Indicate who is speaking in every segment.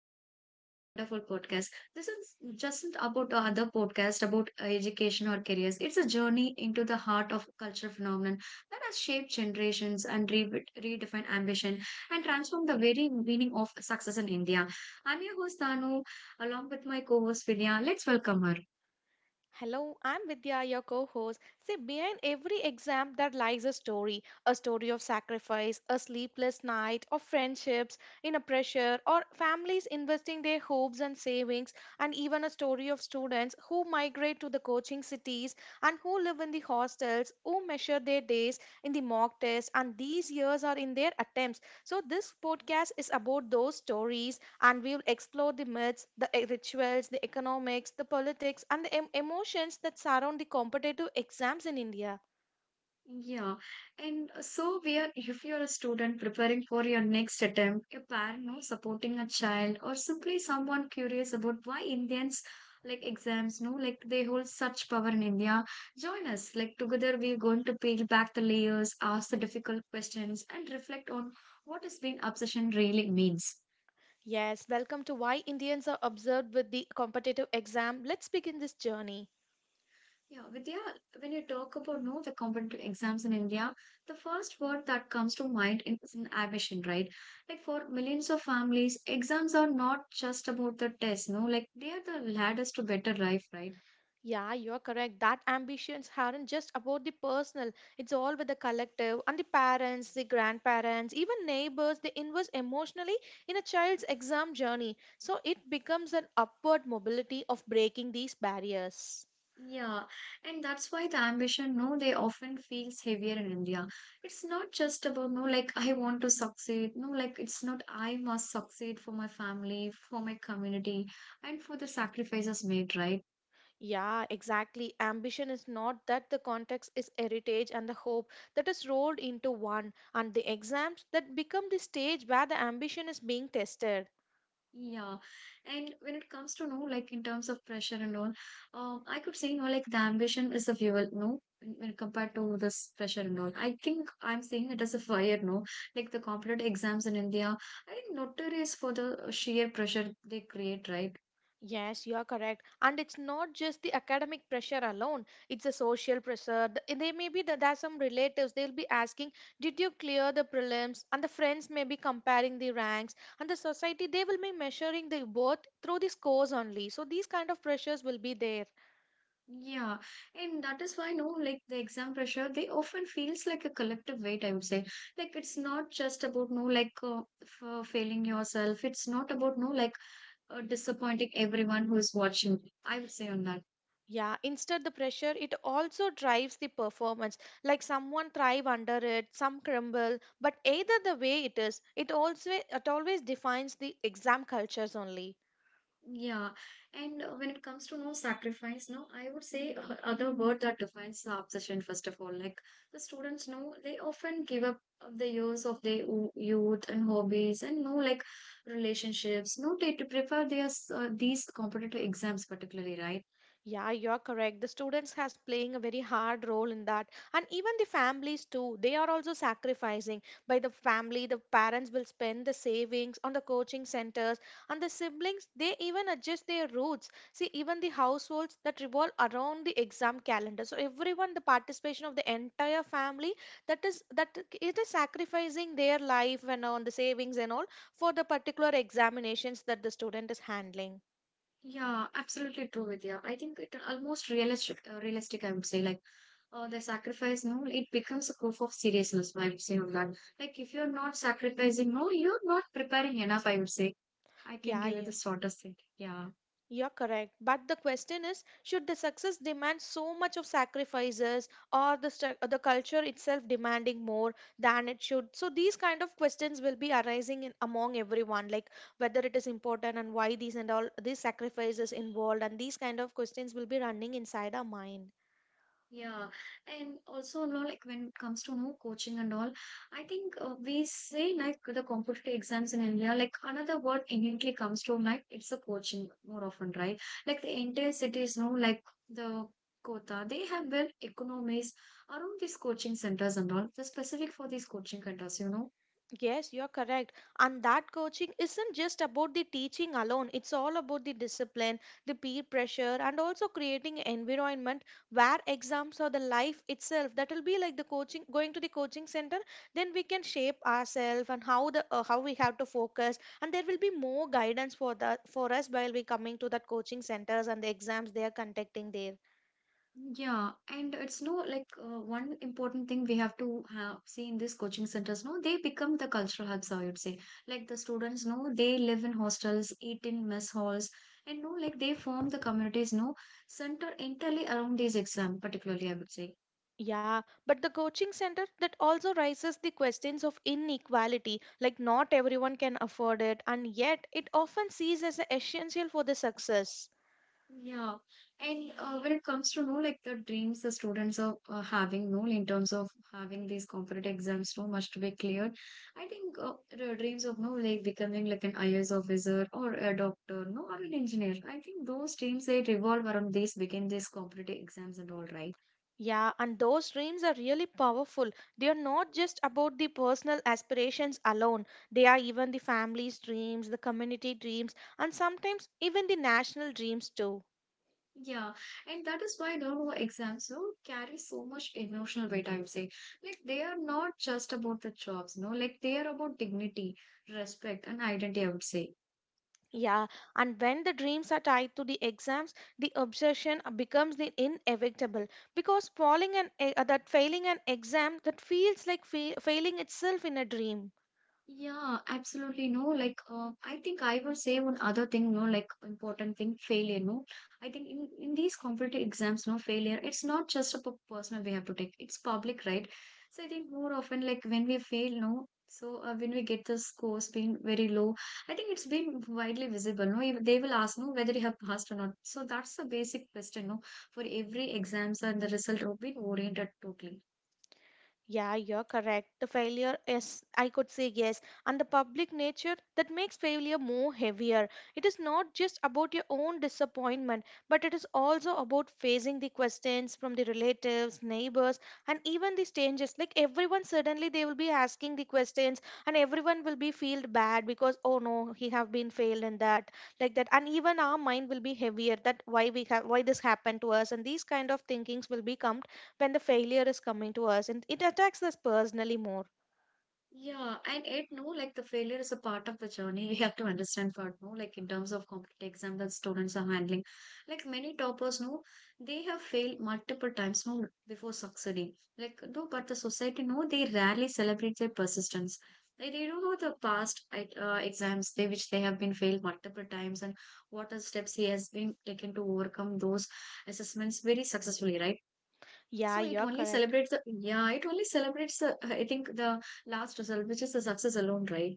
Speaker 1: exams, the wonderful podcast. This is just not about the other podcast about education or careers. It's a journey into the heart of culture phenomenon that has shaped generations and redefined ambition and transformed the very meaning of success in India. I'm your host, Danu, along with my co-host, Vidya. Let's welcome her.
Speaker 2: Hello, I'm Vidya, your co host. See, behind every exam, there lies a story of sacrifice, a sleepless night, of friendships in a pressure, or families investing their hopes and savings, and even a story of students who migrate to the coaching cities and who live in the hostels, who measure their days in the mock test, and these years are in their attempts. So, this podcast is about those stories and we will explore the myths, the rituals, the economics, the politics, and the emotions that surround the competitive exams in India.
Speaker 1: Yeah, and so we are if you're a student preparing for your next attempt, a parent no supporting a child, or simply someone curious about why Indians like exams, no, like they hold such power in India. Join us, like together we're going to peel back the layers, ask the difficult questions, and reflect on what has been obsession really means.
Speaker 2: Yes, welcome to Why Indians Are Observed with the Competitive Exam. Let's begin this journey.
Speaker 1: Yeah, Vidya, when you talk about no the competitive exams in India, the first word that comes to mind is an ambition, right? Like for millions of families, exams are not just about the test, no, like they are the ladders to better life, right?
Speaker 2: Yeah, you're correct. That ambitions aren't just about the personal, it's all with the collective and the parents, the grandparents, even neighbors. They invest emotionally in a child's exam journey. So it becomes an upward mobility of breaking these barriers.
Speaker 1: Yeah, and that's why the ambition, no, they often feels heavier in India. It's not just about no, like I want to succeed, no, like it's not I must succeed for my family, for my community, and for the sacrifices made, right?
Speaker 2: Yeah, exactly. Ambition is not that the context is heritage and the hope that is rolled into one, and the exams that become the stage where the ambition is being tested.
Speaker 1: Yeah, and when it comes to no, like in terms of pressure and all, I could say no, like the ambition is the fuel, no, when compared to this pressure and all. I think I'm saying it as a fire, no, like the competitive exams in India, I think notorious for the sheer pressure they create, right?
Speaker 2: Yes, you are correct. And it's not just the academic pressure alone, it's a social pressure. They may be that there are some relatives, they'll be asking, did you clear the prelims? And the friends may be comparing the ranks, and the society, they will be measuring the worth through the scores only. So these kind of pressures will be there.
Speaker 1: Yeah, and that is why no, like the exam pressure, they often feels like a collective weight. I would say, like it's not just about no, like failing yourself. It's not about no, like disappointing everyone who is watching. I would say on that.
Speaker 2: Yeah, instead the pressure, it also drives the performance. Like someone thrive under it, some crumble. But either the way it is, it always defines the exam cultures only.
Speaker 1: Yeah, and when it comes to no sacrifice, no, I would say other word that defines the obsession. First of all, like the students know they often give up of the years of their youth and hobbies and no like relationships. No, they to prefer their these competitive exams particularly, right?
Speaker 2: Yeah, you're correct. The students has playing a very hard role in that. And even the families too, they are also sacrificing. By the family, the parents will spend the savings on the coaching centers and the siblings, they even adjust their routes. See, even the households that revolve around the exam calendar. So everyone, the participation of the entire family, that it is sacrificing their life and on the savings and all for the particular examinations that the student is handling.
Speaker 1: Yeah, absolutely true, Vidya. I think it almost realistic, realistic. I would say like the sacrifice no it becomes a proof of seriousness I would say on that like if you're not sacrificing no you're not preparing enough I would say I can
Speaker 2: Yeah,
Speaker 1: give you
Speaker 2: yeah.
Speaker 1: the shortest thing yeah
Speaker 2: You're correct. But the question is, should the success demand so much of sacrifices or the the culture itself demanding more than it should? So these kind of questions will be arising in, among everyone, like whether it is important and why these and all these sacrifices involved and these kind of questions will be running inside our mind.
Speaker 1: yeah and also no like when it comes to no coaching and all I think we say like the competitive exams in india like another word immediately comes to like it's a coaching more often right like the entire cities no like the Kota, they have built economies around these coaching centers and all, the specific for these coaching centers, you know.
Speaker 2: Yes, you're correct. And that coaching isn't just about the teaching alone. It's all about the discipline, the peer pressure, and also creating an environment where exams or the life itself. That will be like the coaching, going to the coaching center. Then we can shape ourselves and how the how we have to focus. And there will be more guidance for the for us while we coming to that coaching centers and the exams they are conducting there.
Speaker 1: Yeah, and it's no like one important thing we have to have see in these coaching centers. No, they become the cultural hubs. I would say, like the students, no, they live in hostels, eat in mess halls, and no, like they form the communities, no, center entirely around these exam, particularly. I would say.
Speaker 2: Yeah, but the coaching center that also raises the questions of inequality, like not everyone can afford it, and yet it often sees as essential for the success.
Speaker 1: Yeah, and when it comes to know like the dreams the students are having, no, in terms of having these competitive exams, so must to be cleared. I think the dreams of no, like becoming like an IAS officer or a doctor, no, or an engineer. I think those dreams they revolve around these, begin these competitive exams and all, right?
Speaker 2: Yeah, and those dreams are really powerful. They are not just about the personal aspirations alone. They are even the family's dreams, the community dreams, and sometimes even the national dreams too.
Speaker 1: Yeah, and that is why no exams so carry so much emotional weight, I would say. Like they are not just about the jobs, no, like they are about dignity, respect, and identity, I would say.
Speaker 2: Yeah, and when the dreams are tied to the exams, the obsession becomes the inevitable because falling an e- that failing an exam that feels like failing itself in a dream.
Speaker 1: Yeah, absolutely. No, like I think I would say one other thing, no, like important thing, failure. No, I think in these competitive exams, no, failure. It's not just a personal we have to take. It's public, right? So I think more often, like when we fail, no. So when we get the scores being very low, I think it's been widely visible. No, even they will ask, no, whether you have passed or not. So that's the basic question, no, for every exams and the result will be oriented totally.
Speaker 2: Yeah, you're correct. The failure is, I could say yes, and the public nature that makes failure more heavier. It is not just about your own disappointment, but it is also about facing the questions from the relatives, neighbors, and even the strangers. Like everyone, suddenly they will be asking the questions, and everyone will be feel bad because oh no, he have been failed in that, like that, and even our mind will be heavier that why we have why this happened to us, and these kind of thinkings will become when the failure is coming to us and it attacks us personally more.
Speaker 1: Yeah, and it no, like the failure is a part of the journey. We have to understand for no, like in terms of competitive exam that students are handling. Like many toppers know, they have failed multiple times no before succeeding. Like no, but the society no, they rarely celebrate their persistence. They don't know the past exams they which they have been failed multiple times and what are steps he has been taken to overcome those assessments very successfully, right?
Speaker 2: Yeah,
Speaker 1: So it
Speaker 2: you're
Speaker 1: only
Speaker 2: correct.
Speaker 1: celebrates the yeah, it only celebrates the I think the last result, which is the success alone, right?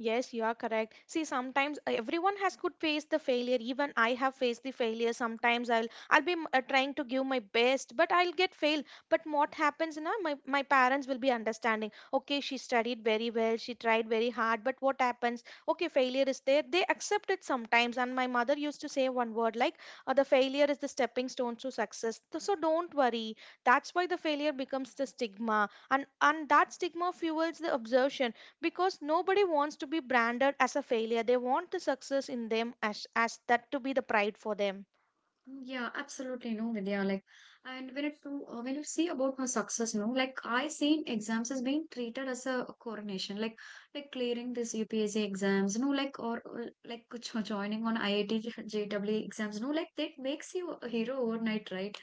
Speaker 2: Yes, you are correct. See, sometimes everyone has could face the failure. Even I have faced the failure. Sometimes I'll be trying to give my best, but I'll get fail. But what happens, now? My parents will be understanding. Okay, she studied very well. She tried very hard. But what happens? Okay, failure is there. They accept it sometimes. And my mother used to say one word like, "The failure is the stepping stone to success." So don't worry. That's why the failure becomes the stigma, and that stigma fuels the obsession because nobody wants to be branded as a failure. They want the success in them as that to be the pride for them.
Speaker 1: Mm, yeah, absolutely no, Vidya. Like, and when it to when you see about my success, no, like I seen exams as being treated as a coronation, like clearing this UPSC exams, no, like or, like joining on IIT, JEE exams, no, like that makes you a hero overnight, right?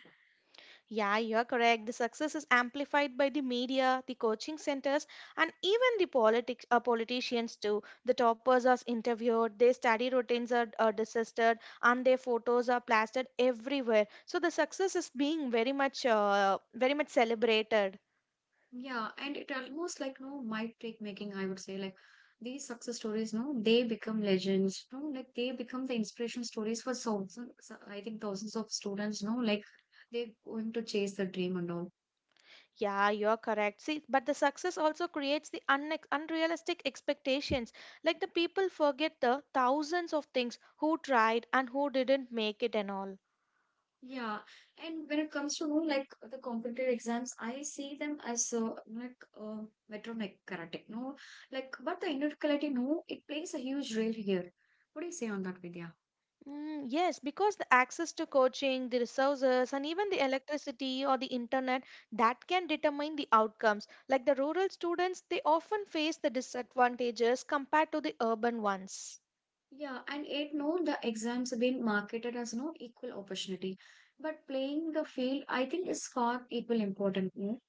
Speaker 2: Yeah, you're correct. The success is amplified by the media, the coaching centers, and even the politics, politicians too. The toppers are interviewed, their study routines are discussed, and their photos are plastered everywhere. So the success is being very much very much celebrated.
Speaker 1: Yeah, and it almost like no might take making, I would say. Like these success stories, no, they become legends. No, like they become the inspiration stories for thousands, so, I think thousands of students, no, like they're going to chase the dream and all.
Speaker 2: Yeah, you're correct. See, but the success also creates the unrealistic expectations. Like the people forget the thousands of things who tried and who didn't make it and all.
Speaker 1: Yeah, and when it comes to no, like the competitive exams, I see them as metromechanic, no, like but the individuality, no, it plays a huge role here. What do you say on that, Vidya?
Speaker 2: Mm, yes, because the access to coaching, the resources, and even the electricity or the internet that can determine the outcomes. Like the rural students, they often face the disadvantages compared to the urban ones.
Speaker 1: Yeah, and it no, the exams have been marketed as no equal opportunity. But playing the field, I think, is far equal important. No?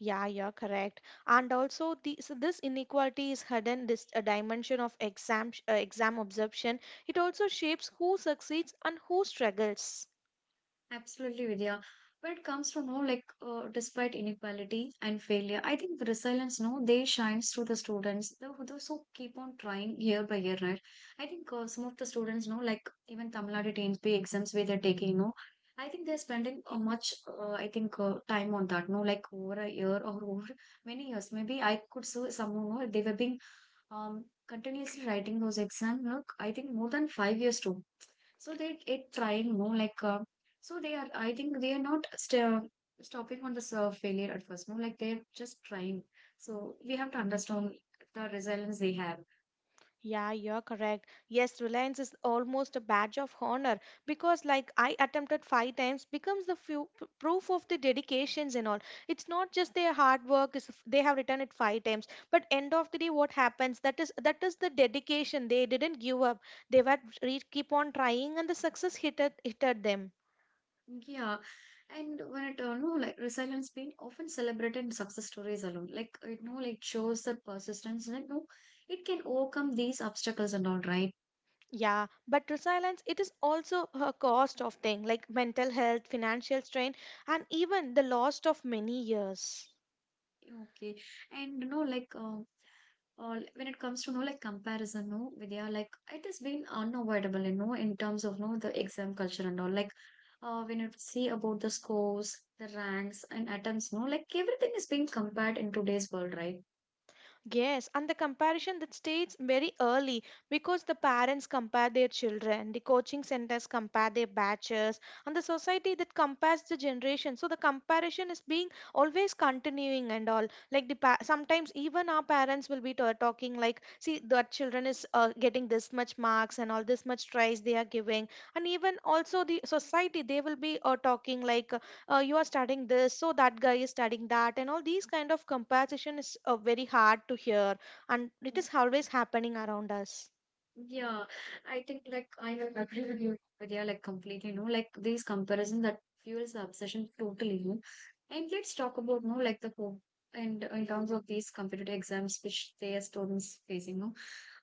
Speaker 2: Yeah, you're correct. And also, the, so this inequality is hidden this a dimension of exam exam absorption. It also shapes who succeeds and who struggles.
Speaker 1: Absolutely, Vidya. But it comes from no like despite inequality and failure. I think the resilience, no, they shines through the students. The, those who keep on trying year by year, right? I think some of the students, no, like even Tamil Nadu TNP exams where they're taking, no, I think they're spending time on that, no, like over a year or over many years. Maybe I could see someone, no, they were being continuously writing those exams. Look, I think more than 5 years too so they it trying more like so they are I think they are not stopping on the serve failure at first no like they're just trying so we have to understand the resilience they have.
Speaker 2: Yeah, you're correct. Yes, Reliance is almost a badge of honor because, like, I attempted five times becomes the few, proof of the dedications and all. It's not just their hard work; is they have written it five times. But end of the day, what happens? That is the dedication. They didn't give up. They were keep on trying, and the success hit at them.
Speaker 1: Yeah, and when it no like resilience being often celebrated in success stories alone like it no like shows that persistence like no it can overcome these obstacles and all, right?
Speaker 2: Yeah, but resilience it is also a cost of thing like mental health, financial strain, and even the loss of many years.
Speaker 1: Okay. And you know, like when it comes to you know, like comparison, no, Vidya, like it has been unavoidable, you know, in terms of you know the exam culture and all. Like when you see about the scores, the ranks and attempts, no, like everything is being compared in today's world, right?
Speaker 2: Yes, and the comparison that starts very early because the parents compare their children, the coaching centers compare their batches, and the society that compares the generation. So the comparison is being always continuing and all. Like the sometimes even our parents will be talking like, see that children is getting this much marks and all this much tries they are giving, and even also the society they will be talking like you are studying this so that guy is studying that and all these kind of comparison is very hard to hear and it is always happening around us.
Speaker 1: Yeah, I think like I will agree with you, Vidya, like completely, you know, like these comparisons that fuels the obsession totally, you. And let's talk about, no like the hope and in terms of these competitive exams which they are students facing, no.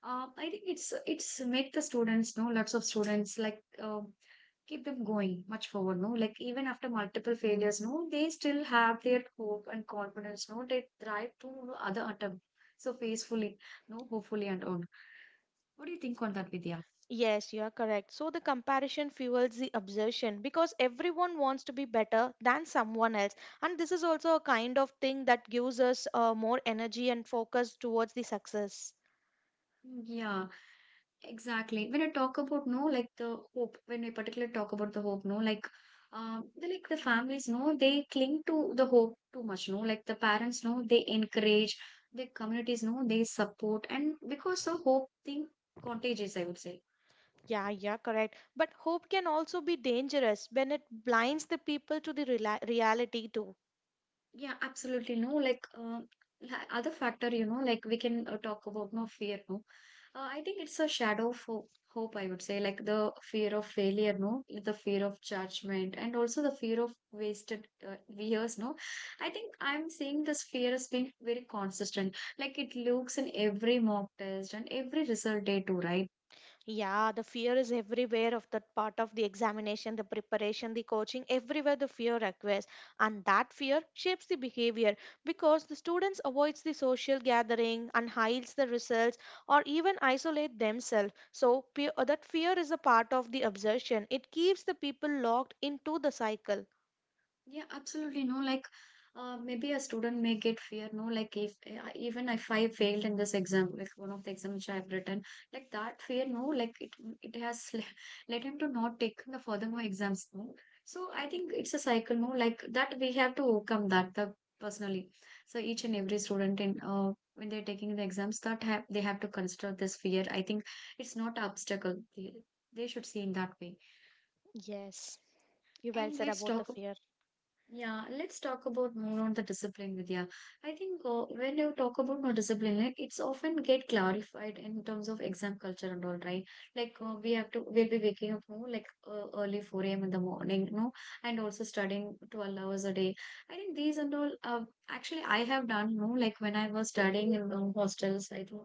Speaker 1: I think it's make the students, no, lots of students like keep them going much forward, no. Like even after multiple failures, no, they still have their hope and confidence, no. They thrive to other attempt so faithfully, no, hopefully and all. What do you think on that, Vidya?
Speaker 2: Yes, you are correct. So the comparison fuels the obsession because everyone wants to be better than someone else, and this is also a kind of thing that gives us more energy and focus towards the success.
Speaker 1: Mm, yeah, exactly. When I talk about no, like the hope, when I particularly talk about the hope, no, like the like the families, no, they cling to the hope too much, no, like the parents, no, they encourage the communities, no, they support, and because the hope thing contagious, I would say.
Speaker 2: Yeah, yeah, correct. But hope can also be dangerous when it blinds the people to the rela reality too.
Speaker 1: Yeah, absolutely. No, like other factor, you know, like we can talk about no fear. No, I think it's a shadow for hope. I would say, like the fear of failure. No, the fear of judgment, and also the fear of wasted years. No, I think I'm seeing this fear as being very consistent. Like it looks in every mock test and every result day too, right?
Speaker 2: Yeah, the fear is everywhere of that part of the examination, the preparation, the coaching, everywhere the fear occurs. And that fear shapes the behavior because the students avoids the social gathering and hides the results or even isolate themselves. So that fear is a part of the obsession. It keeps the people locked into the cycle.
Speaker 1: Yeah, absolutely. No, like maybe a student may get fear. No, like if even if I failed in this exam, like one of the exams which I have written, like that fear. No, like it has led him to not take the furthermore exams. No, so I think it's a cycle. No, like that We have to overcome that the personally. So each and every student in when they're taking the exams, that have they have to consider this fear. I think it's not an obstacle. They should see in that way.
Speaker 2: Yes, you well
Speaker 1: And
Speaker 2: said about the fear.
Speaker 1: let's talk about more on the discipline, Vidya. I think when you talk about more discipline, like it's often get clarified in terms of exam culture and all, right? We have to, we'll be waking up more like early 4 a.m. in the morning, you know, and also studying 12 hours a day. I think these and all, actually, I have done, no, like when I was studying in the hostels, I think.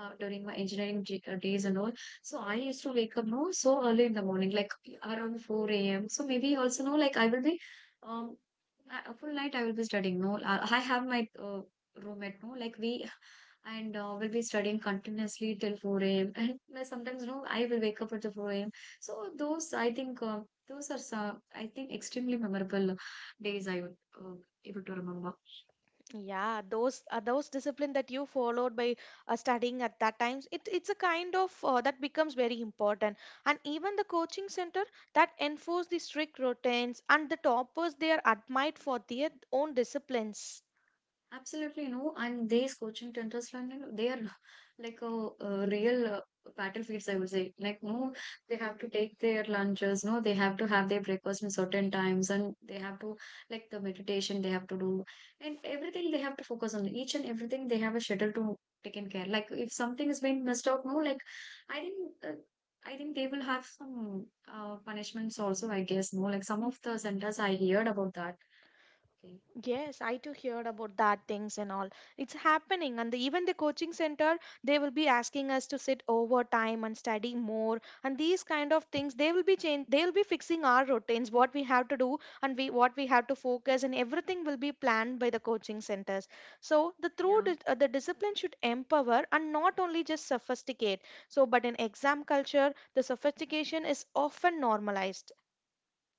Speaker 1: During my engineering days and all, so I used to wake up no so early in the morning, like around 4 a.m. So maybe also no, like I will be um a full night I will be studying. No, I have my uh, roommate. No, like we and will be studying continuously till 4 a.m. And sometimes, no, I will wake up at the 4 a.m. So those, I think, those are some, I think, extremely memorable days I would uh, able to remember.
Speaker 2: Yeah, those discipline that you followed by studying at that times, it's a kind of that becomes very important. And even the coaching center that enforce the strict routines and the toppers they are admired for their own disciplines.
Speaker 1: Absolutely no, and these coaching centers, London, they are like a, real battlefields, I would say. Like, no, they have to take their lunches, no, they have to have their breakfast in certain times, and they have to like the meditation they have to do, and everything they have to focus on. Each and everything they have a schedule to taken care. Like, if something is being missed out, no, like I think uh, I think they will have some punishments also, I guess. No, like some of the centers I heard about that. Okay.
Speaker 2: Yes, I too heard about that things and all. It's happening, and the, even the coaching center they will be asking us to sit overtime and study more, and these kind of things they will be change. They will be fixing our routines, what we have to do, and we what we have to focus, and everything will be planned by the coaching centers. So the through
Speaker 1: Yeah.
Speaker 2: the discipline should empower and not only just sophisticate. So, but in exam culture, the sophistication is often normalized.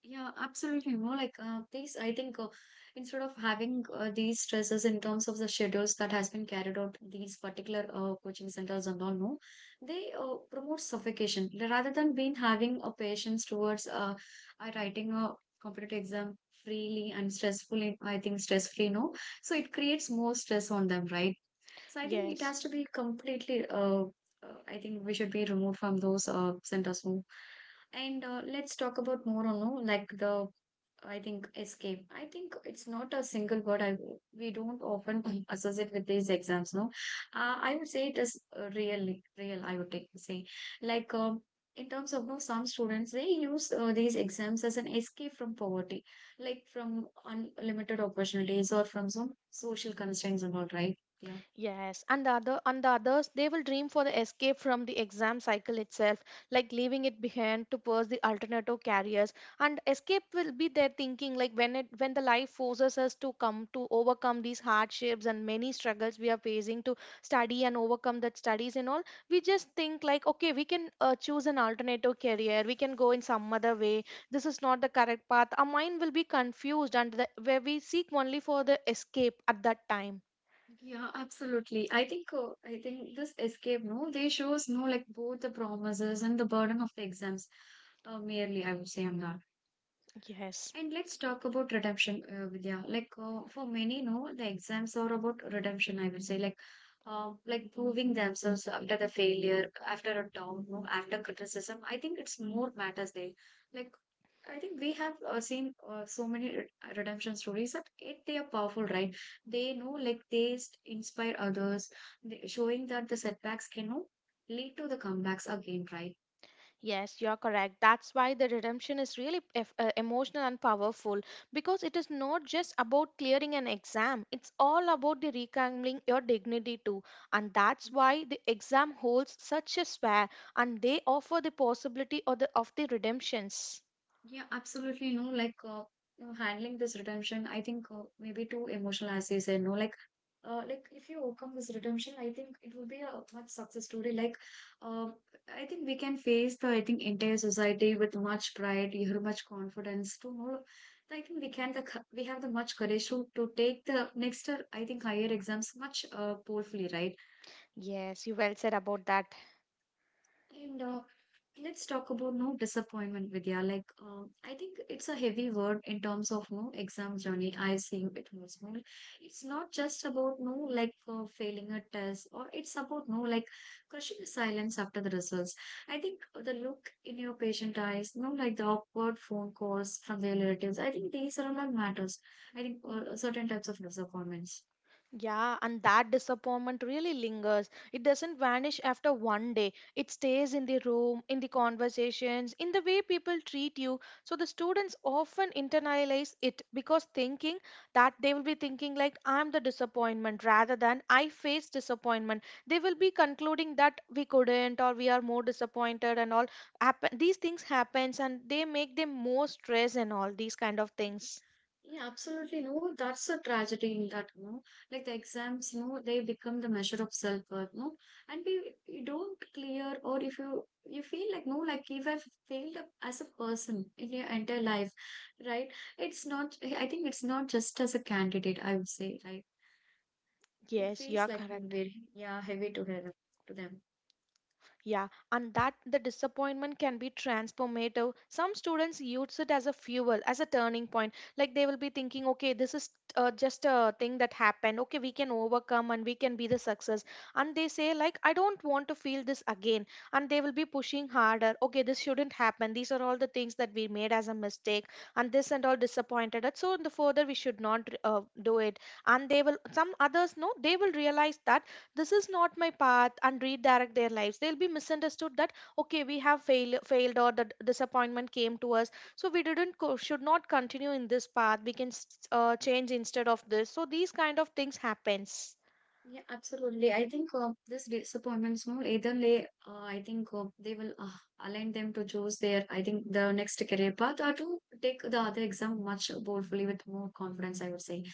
Speaker 1: Yeah, absolutely. You know, like these, I think instead of having these stresses in terms of the schedules that has been carried out, these particular coaching centers and all, no, they promote suffocation rather than being having a patience towards writing a competitive exam freely and stressfully. I think stress free, no. So it creates more stress on them, right? So I think it
Speaker 2: Yes.
Speaker 1: has to be completely. I think we should be removed from those centers. More. And let's talk about more on no, like the I think escape. I think it's not a single word. I We don't often associate with these exams. No, I would say it is really real. I would take, say Like. In terms of no, some students they use these exams as an escape from poverty like from unlimited opportunities or from some social constraints and all, right? Yeah.
Speaker 2: Yes, and the other and the others they will dream for the escape from the exam cycle itself, like leaving it behind to pursue the alternative careers. And escape will be their thinking, like when it when the life forces us to come to overcome these hardships and many struggles we are facing to study and overcome that studies and all. We just think like, okay, we can choose an alternative career. We can go in some other way. This is not the correct path. Our mind will be confused, and the, where we seek only for the escape at that time.
Speaker 1: Yeah, absolutely. I think this escape, no, they shows no like both the promises and the burden of the exams. Merely, I would say on that.
Speaker 2: Yes.
Speaker 1: And let's talk about redemption, Vidya. Like for many, no, the exams are about redemption. I would say, like proving themselves after the failure, after a down, no, after criticism. I think it's more matters there. Like, I think we have seen so many redemption stories that it they are powerful, right? They know, like, inspire others, they, showing that the setbacks can no, lead to the comebacks again, right?
Speaker 2: Yes, you're correct. That's why the redemption is really emotional and powerful because it is not just about clearing an exam, it's all about the reclaiming your dignity too. And that's why the exam holds such a sphere and they offer the possibility of the redemptions.
Speaker 1: Yeah, absolutely. No, like you know, handling this redemption, I think maybe two emotional essays and no, like if you overcome this redemption, I think it will be a much success story. Like, um, I think we can face the I think entire society with much pride, you have much confidence to know. I think we can we have the much courage to take the next I think higher exams much boldly, right?
Speaker 2: Yes, you well said about that.
Speaker 1: And let's talk about no disappointment, Vidya. Like, I think it's a heavy word in terms of no exam journey. I see it most, no. It's not just about no like failing a test, or it's about no like crushing silence after the results. I think the look in your patient eyes, no like the awkward phone calls from their relatives. I think these are all that matters. I think Certain types of disappointments.
Speaker 2: Yeah, and that disappointment really lingers. It doesn't vanish after 1 day. It stays in the room, in the conversations, in the way people treat you. So the students often internalize it because thinking that they will be thinking like I'm the disappointment rather than I face disappointment. They will be concluding that we couldn't or we are more disappointed and all happen these things happens and they make them more stress and all these kind of things.
Speaker 1: Yeah, absolutely. No, that's a tragedy in that, no. Like the exams, no, they become the measure of self-worth, no. You don't clear, or if you feel like no, like if I've failed up as a person in your entire life, right? It's not. I think it's not just as a candidate. I would say, right? It
Speaker 2: Yes, you
Speaker 1: feels
Speaker 2: are
Speaker 1: like when
Speaker 2: correct.
Speaker 1: we're yeah heavy to her to them.
Speaker 2: Yeah, and that the disappointment can be transformative. Some students use it as a fuel, as a turning point. Like they will be thinking, okay, this is just a thing that happened. Okay, we can overcome and we can be the success. And they say, like, I don't want to feel this again. And they will be pushing harder. Okay, this shouldn't happen. These are all the things that we made as a mistake, and this and all disappointed us. So in the further we should not do it. And they will. Some others, no, they will realize that this is not my path and redirect their lives. They'll be misunderstood that okay we have failed or the disappointment came to us, so we didn't should not continue in this path. We can change instead of this. So these kind of things happens.
Speaker 1: Yeah, absolutely. I think This disappointments, small either way, I think they will align them to choose their, I think, the next career path or to take the other exam much boldly with more confidence, I would say.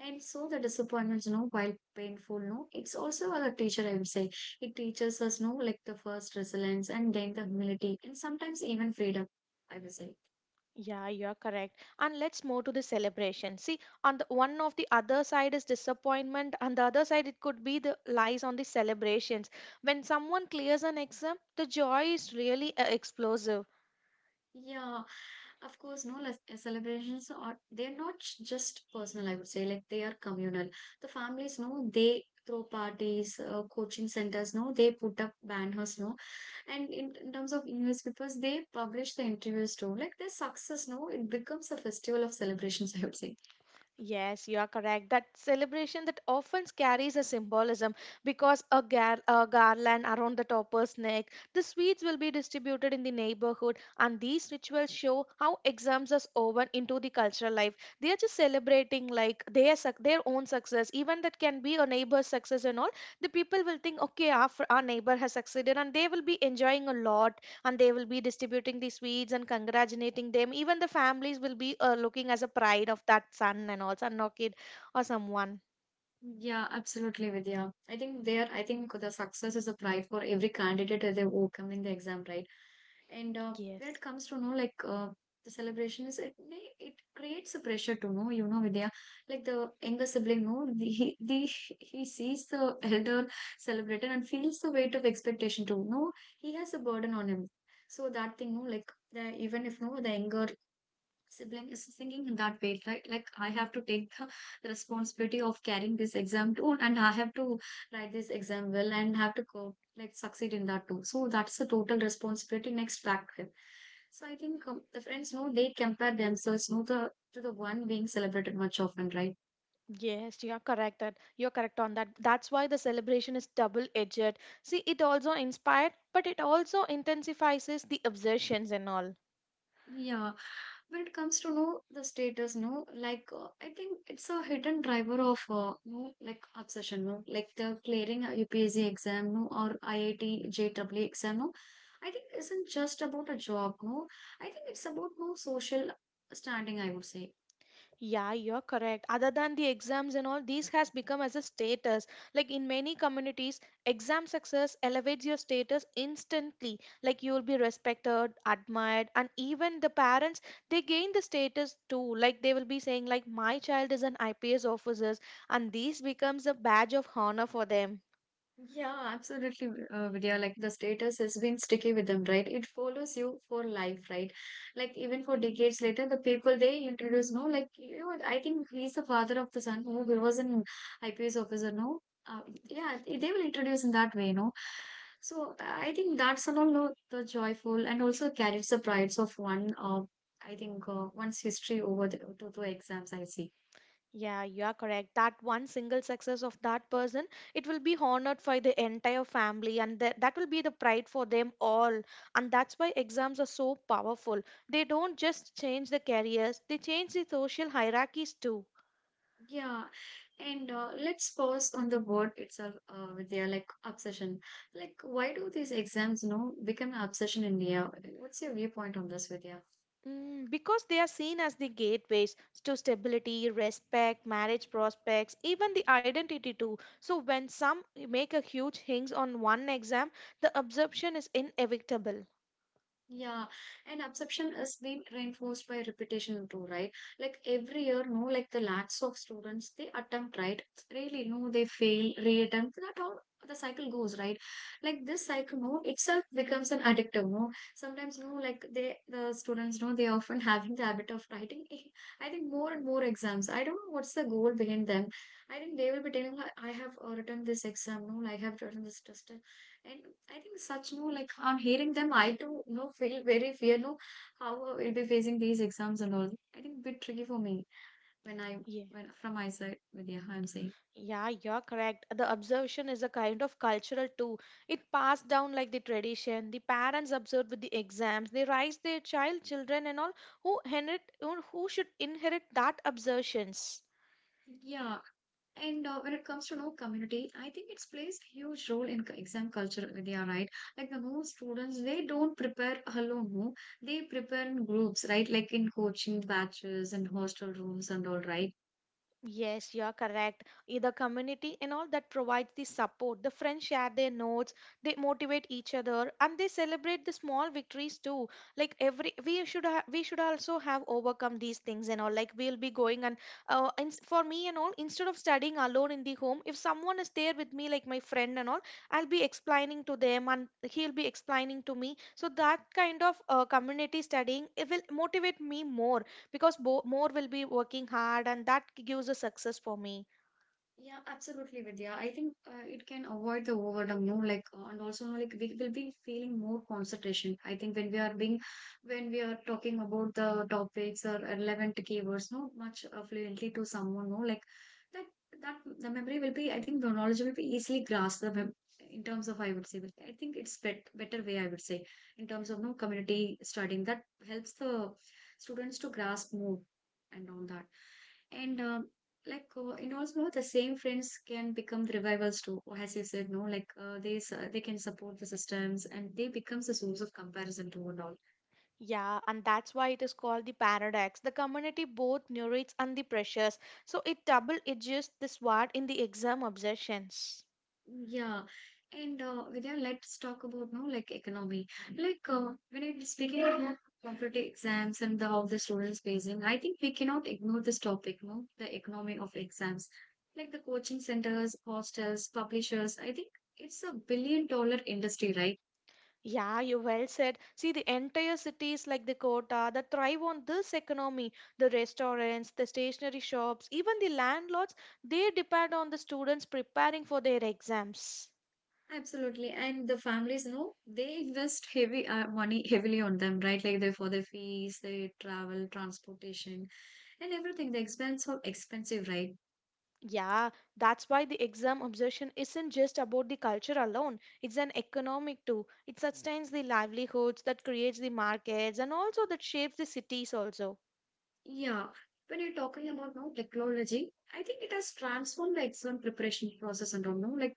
Speaker 1: And so the disappointments, you know, while painful, no, it's also a teacher, I would say. It teaches us, no, like the first resilience and then the humility and sometimes even freedom, I would say.
Speaker 2: Yeah, you're correct. And let's move to the celebration. See, on the one of the other side is disappointment, and the other side it could be the lies on the celebrations. When someone clears an exam, the joy is really explosive.
Speaker 1: Yeah, of course, no less celebrations are they're not sh- just personal, I would say, like they are communal. The families, no, they throw parties, coaching centers, no, they put up banners, no, and in terms of newspapers, they publish the interviews too. Like their success, no, it becomes a festival of celebrations, I would say.
Speaker 2: Yes, you are correct. That celebration that often carries a symbolism because a garland around the topper's neck, the sweets will be distributed in the neighborhood, and these rituals show how exams are woven into the cultural life. They are just celebrating like their own success, even that can be a neighbor's success and all. The people will think, okay, our neighbor has succeeded, and they will be enjoying a lot and they will be distributing the sweets and congratulating them. Even the families will be looking as a pride of that son and also no kid or someone.
Speaker 1: Yeah, absolutely, Vidya. I think the success is a pride for every candidate as they're overcoming the exam, right? And when it
Speaker 2: Yes.
Speaker 1: comes to know, like the celebration is it, it creates a pressure to know, you know, Vidya, like the younger sibling, no, he sees the elder celebrated and feels the weight of expectation too. No, he has a burden on him. So that thing, no, like the even if no, the younger sibling is thinking that way, right? Like I have to take the responsibility of carrying this exam too, and I have to write this exam well and have to go like succeed in that too, so that's the total responsibility next factor. So I think the friends know they compare themselves no the to the one being celebrated much often, right?
Speaker 2: Yes, you're correct on that. That's why the celebration is double edged. See, it also inspired but it also intensifies the obsessions and all.
Speaker 1: Yeah, when it comes to know the status, no, like I think it's a hidden driver of no, like obsession, no, like the clearing a UPSC exam, no, or IIT JEE exam, no. I think it isn't just about a job, no. I think it's about no social standing, I would say.
Speaker 2: Yeah, you're correct. Other than the exams and all, this has become as a status. Like in many communities, exam success elevates your status instantly. Like you will be respected, admired, and even the parents they gain the status too. Like they will be saying like my child is an IPS officer, and this becomes a badge of honor for them.
Speaker 1: Yeah, absolutely, Vidya. Like the status has been sticky with them, right? It follows you for life, right? Like even for decades later, the people they introduce, no, like you know, I think he's the father of the son who was an IPS officer, no? Uh, yeah, they will introduce in that way, no? So I think that's all no, the joyful and also carries the prides of one. I think One's history over the, to the exams. I see.
Speaker 2: Yeah, you are correct. That one single success of that person, it will be honored for the entire family, and that will be the pride for them all. And that's why exams are so powerful. They don't just change the careers, they change the social hierarchies too.
Speaker 1: Yeah, and let's pause on the word itself, Vidya, like obsession. Like, why do these exams, you know, become an obsession in India? What's your viewpoint on this, Vidya?
Speaker 2: Mm, because they are seen as the gateways to stability, respect, marriage prospects, even the identity too. So when some make a huge hinge on one exam, the absorption is inevitable.
Speaker 1: Yeah, and absorption is being reinforced by repetition too, right? Like every year, no, like the lakhs of students, they attempt, right? Really, no, they fail, reattempt. That how the cycle goes, right? Like this cycle, no, itself becomes an addictive, no. Sometimes, no, like they, the students, no, they often having the habit of writing. I think more and more exams. I don't know what's the goal behind them. I think they will be telling, I have written this exam, no, I have written this test, and I think such no like I'm hearing them, I too no feel very fear no how we'll be facing these exams and all. I think a bit tricky for me when I
Speaker 2: Yeah.
Speaker 1: when from my side with yeah I'm saying
Speaker 2: Yeah, you're correct. The observation is a kind of cultural too. It passed down like the tradition. The parents observe with the exams. They raise their child, children, and all who inherit, who should inherit that observations.
Speaker 1: yeah. And when it comes to no community, I think it plays a huge role in exam culture, Vidya, right? Like the most students, they don't prepare alone, no? They prepare in groups, right? Like in coaching batches and hostel rooms and all, right?
Speaker 2: Yes, you are correct. The community and all that provides the support. The friends share their notes, they motivate each other, and they celebrate the small victories too. Like every, we should also have overcome these things and all. Like we'll be going and and for me and all, instead of studying alone in the home, if someone is there with me, like my friend and all, I'll be explaining to them, and he'll be explaining to me. So that kind of community studying it will motivate me more because more will be working hard, and that gives a success for me.
Speaker 1: Yeah, absolutely, Vidya. I think It can avoid the boredom, no, like, and also, no, like, we will be feeling more concentration. I think when we are being, when we are talking about the topics or relevant keywords, no, much fluently to someone, no, like, that, that the memory will be, I think the knowledge will be easily grasped the in terms of, I would say, I think it's better way, I would say, in terms of, no, community studying that helps the students to grasp more and all that. And and also the same friends can become the revivals too, or as you said, no, like, they can support the systems and they becomes the source of comparison to and all.
Speaker 2: Yeah, and that's why it is called the paradox. The community both narrates and the pressures, so it double edges the sword in the exam obsessions.
Speaker 1: Yeah, and Vidya, let's talk about, no, like economy. Like when it is speaking about competitive exams and the, how the students facing, I think we cannot ignore this topic, no, the economy of exams. Like the coaching centers, hostels, publishers, I think it's a billion dollar industry, right?
Speaker 2: Yeah, you well said. See, the entire cities like the Kota that thrive on this economy, the restaurants, the stationery shops, even the landlords, they depend on the students preparing for their exams.
Speaker 1: Absolutely. And the families know, they invest heavy money heavily on them, right? Like they, for their fees, they travel, transportation, and everything. The expense of expensive, right?
Speaker 2: Yeah, that's why the exam obsession isn't just about the culture alone. It's an economic too. It sustains the livelihoods, that creates the markets, and also that shapes the cities also.
Speaker 1: Yeah. When you're talking about now technology, I think it has transformed the exam preparation process and all, no? Like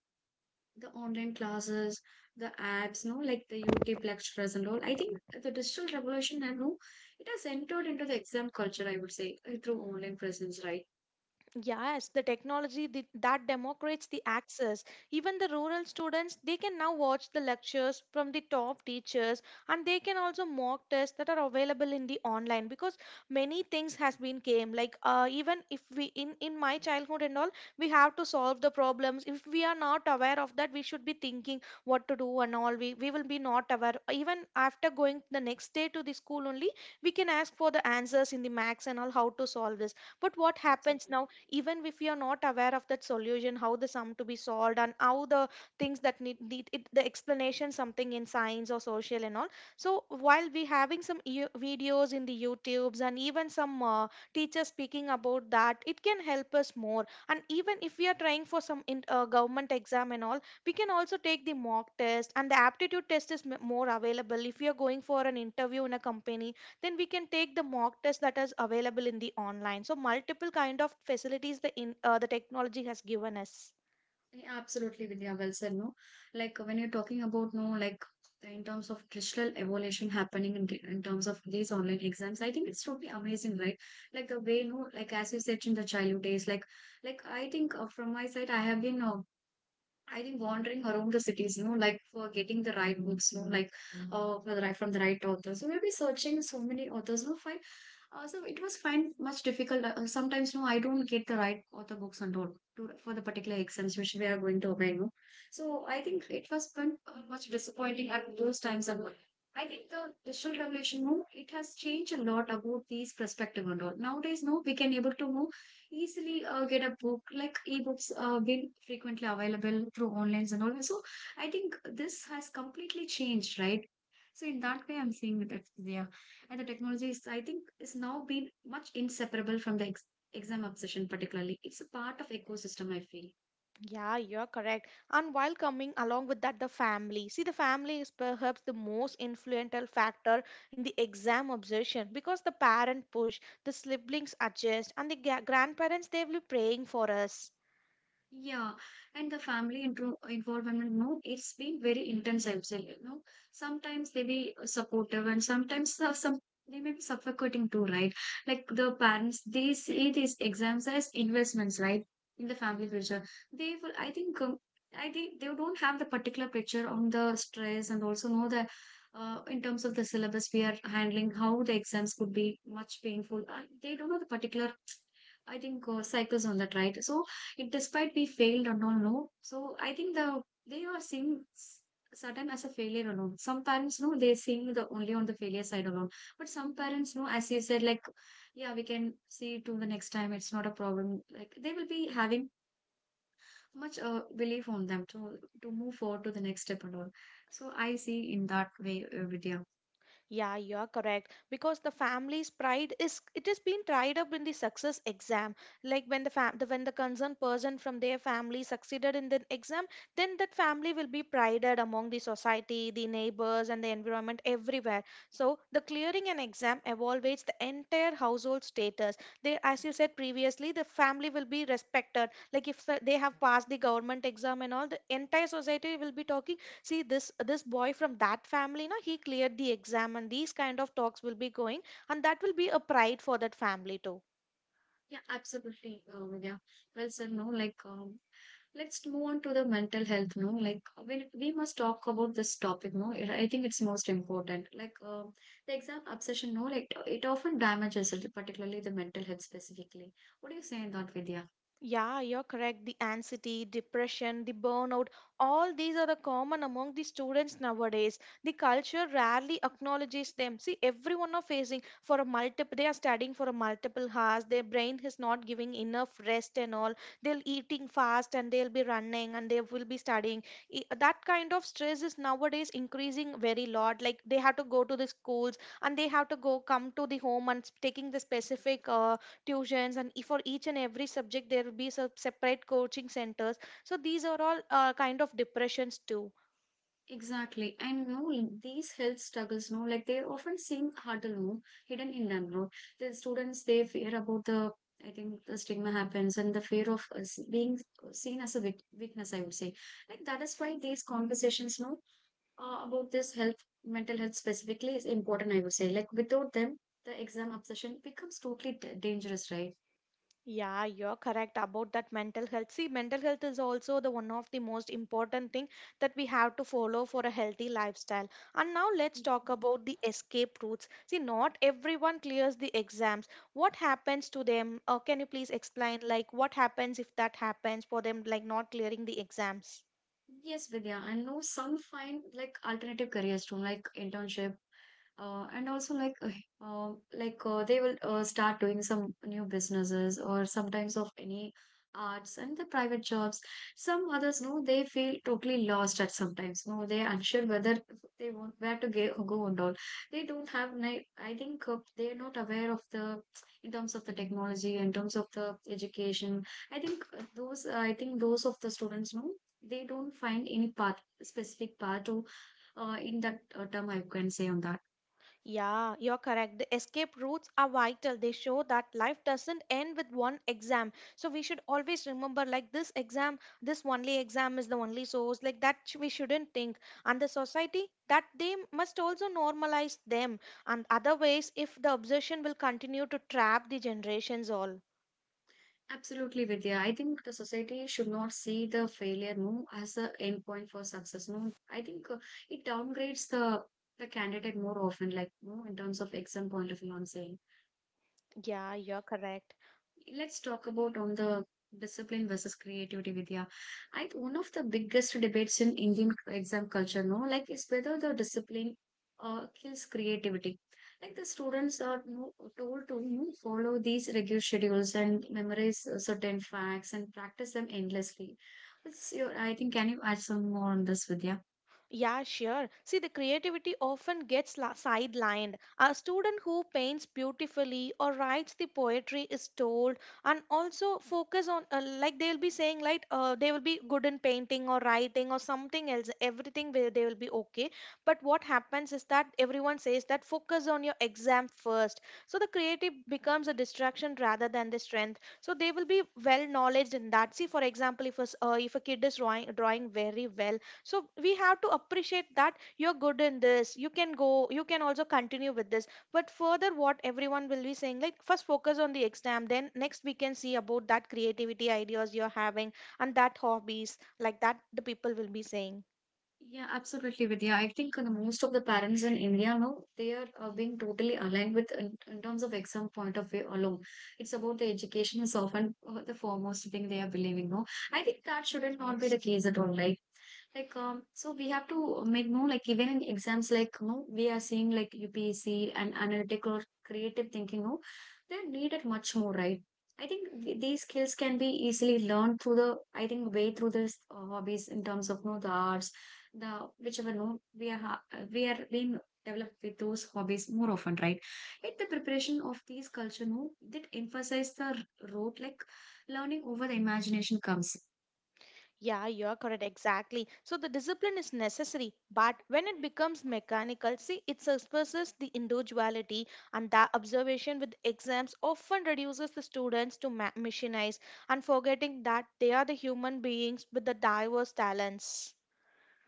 Speaker 1: the online classes, the apps, no? Like the YouTube lectures and all. I think the digital revolution, and no, it has entered into the exam culture, I would say, through online presence, right?
Speaker 2: Yes, the technology that democrates the access. Even the rural students, they can now watch the lectures from the top teachers and they can also mock tests that are available in the online, because many things has been came like even if we in my childhood and all we have to solve the problems. If we are not aware of that, we should be thinking what to do and all. We will be not aware. Even after going the next day to the school, only we can ask for the answers in the max and all, how to solve this. But what happens now, even if we are not aware of that solution, how the sum to be solved and how the things that need it, the explanation something in science or social and all. So while we having some videos in the YouTubes and even some teachers speaking about that, it can help us more. And even if we are trying for some government exam and all, we can also take the mock test. And the aptitude test is more available. If you are going for an interview in a company, then we can take the mock test that is available in the online. So multiple kind of facilities the in the technology has given us.
Speaker 1: Yeah, absolutely, Vidya. Well said. No, like when you're talking about, no, like in terms of digital evolution happening in terms of these online exams, I think it's totally amazing, right? Like the way, no, like as you said in the childhood days, like I think from my side, I have been I think wandering around the cities, you know, like for getting the right books, you know, like for the right, from the right authors. So we'll be searching so many authors. We'll find so it was find much difficult. Sometimes, you know, I don't get the right author books on board to, for the particular exams which we are going to apply. You know? So I think it was been, much disappointing at those times. And I think the digital revolution, you know, it has changed a lot about these perspective and all. Nowadays, no, we can able to know easily, get a book like ebooks, been frequently available through onlines and all that. So I think this has completely changed, right? So in that way, I'm seeing that, yeah. And the technology is, I think is now been much inseparable from the exam obsession particularly. It's a part of ecosystem, I feel.
Speaker 2: Yeah, you're correct. And while coming along with that, the family. See, the family is perhaps the most influential factor in the exam obsession because the parent push, the siblings adjust, and the grandparents they will be praying for us.
Speaker 1: Yeah, and the family intro involvement, no, it's been very intense, I would say. You know, sometimes they be supportive, and sometimes some they may be suffocating too, right? Like the parents, they see these exams as investments, right? In the family culture, they will. I think they don't have the particular picture on the stress, and also know that, in terms of the syllabus we are handling, how the exams could be much painful. They don't know the particular, I think, cycles on that, right? So if despite we failed or don't know, so I think the they are seeing certain as a failure alone. Some parents know, they're seeing the only on the failure side alone. But some parents know, as you said, like yeah, we can see to the next time. It's not a problem. Like they will be having much belief on them to move forward to the next step and all. So I see in that way, Vidya.
Speaker 2: Yeah, you are correct. Because the family's pride is it is being tied up in the success exam. Like when when the concerned person from their family succeeded in the exam, then that family will be prided among the society, the neighbors, and the environment everywhere. So the clearing an exam evaluates the entire household status. They, as you said previously, the family will be respected. Like if they have passed the government exam and all, the entire society will be talking. See, this boy from that family na? He cleared the exam, and these kind of talks will be going, and that will be a pride for that family too.
Speaker 1: Yeah, absolutely, Vidya. Well said, no, like, let's move on to the mental health, no, like, we must talk about this topic, no, it, I think it's most important. Like, the exam obsession, no, like, it often damages it, particularly the mental health specifically. What do you say in that, Vidya?
Speaker 2: Yeah, you're correct. The anxiety, depression, the burnout, all these are the common among the students nowadays. The culture rarely acknowledges them. See, everyone are facing for a multiple, they are studying for a multiple hours. Their brain is not giving enough rest and all. They'll eating fast and they'll be running and they will be studying. That kind of stress is nowadays increasing very lot. Like they have to go to the schools and they have to go come to the home and taking the specific tuitions, and for each and every subject there will be separate coaching centers. So these are all kind of depressions too.
Speaker 1: Exactly. And no, these health struggles, no, like they often seem harder, no, hidden in them, no. The students, they fear about the, I think the stigma happens and the fear of us being seen as a weakness, I would say. Like that is why these conversations, no, about this health, mental health specifically is important, I would say. Like without them, the exam obsession becomes totally dangerous, right?
Speaker 2: Yeah, you're correct about that mental health. See, mental health is also the one of the most important thing that we have to follow for a healthy lifestyle. And now let's talk about the escape routes. See, not everyone clears the exams. What happens to them? Can you please explain like what happens if that happens for them, like not clearing the exams?
Speaker 1: Yes, Vidya. I know some find like alternative careers too, like internship and also uh, like they will start doing some new businesses or sometimes of any arts and the private jobs. Some others, no, they feel totally lost at sometimes, no, they are unsure whether they want where to go and all. They don't have I think they are not aware of the, in terms of the technology, in terms of the education. I think those of the students, no, they don't find any path, specific path to, in that term I can say on that.
Speaker 2: Yeah, you're correct. The escape routes are vital. They show that life doesn't end with one exam. So we should always remember like this exam, this only exam is the only source. Like we shouldn't think. And the society that they must also normalize them. And otherwise, if the obsession will continue to trap the generations all.
Speaker 1: Absolutely, Vidya. I think the society should not see the failure move as an end point for success. No, I think it downgrades the candidate more often, like no, in terms of exam point of view, I'm saying.
Speaker 2: Yeah, you're correct.
Speaker 1: Let's talk about on the discipline versus creativity, Vidya. I one of the biggest debates in Indian exam culture, no, like is whether the discipline kills creativity. Like the students are, no, told to, no, follow these regular schedules and memorize certain facts and practice them endlessly. What's your, I think, can you add some more on this, Vidya?
Speaker 2: Yeah, sure. See, the creativity often gets sidelined. A student who paints beautifully or writes the poetry is told, and also focus on like they will be saying like they will be good in painting or writing or something else. Everything will, they will be okay. But what happens is that everyone says that focus on your exam first. So the creative becomes a distraction rather than the strength. So they will be well knowledge in that. See, for example, if a kid is drawing very well, so we have to appreciate that you're good in this, you can go, you can also continue with this, but further what everyone will be saying like first focus on the exam, then next we can see about that creativity ideas you're having and that hobbies like that the people will be saying.
Speaker 1: Yeah, absolutely, Vidya. I think most of the parents in India now, they are being totally aligned with in terms of exam point of view alone. It's about the education is often the foremost thing they are believing. No, I think that shouldn't not be the
Speaker 2: Yes.
Speaker 1: case at all. Like, so we have to make, no, like even in exams like, no, we are seeing like UPSC, and analytic or creative thinking. No, they're needed much more, right? I think these skills can be easily learned through the, I think, way through this hobbies, in terms of, no, the arts, the whichever, no, we are we are being developed with those hobbies more often, right? Yet the preparation of these culture, no, that emphasize the road like learning over the imagination comes.
Speaker 2: Yeah, you are correct. Exactly. So the discipline is necessary, but when it becomes mechanical, see, it suppresses the individuality, and that observation with exams often reduces the students to machinize and forgetting that they are the human beings with the diverse talents.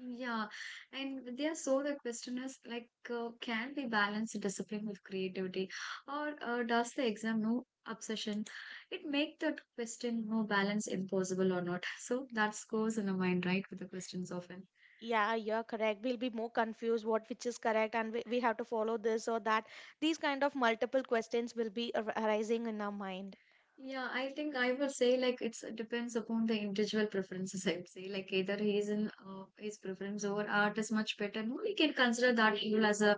Speaker 1: Yeah, and they are so the question is like, can we balance discipline with creativity, or does the exam, no, obsession, it make that question, no, balance impossible or not? So that goes in the mind, right, with the questions often.
Speaker 2: Yeah, you're correct. We'll be more confused what which is correct, and we have to follow this or that. These kind of multiple questions will be arising in our mind.
Speaker 1: Yeah, I think I would say like it's, it depends upon the individual preferences. I would say like either he's in his preference over art is much better. No, we can consider that role as a,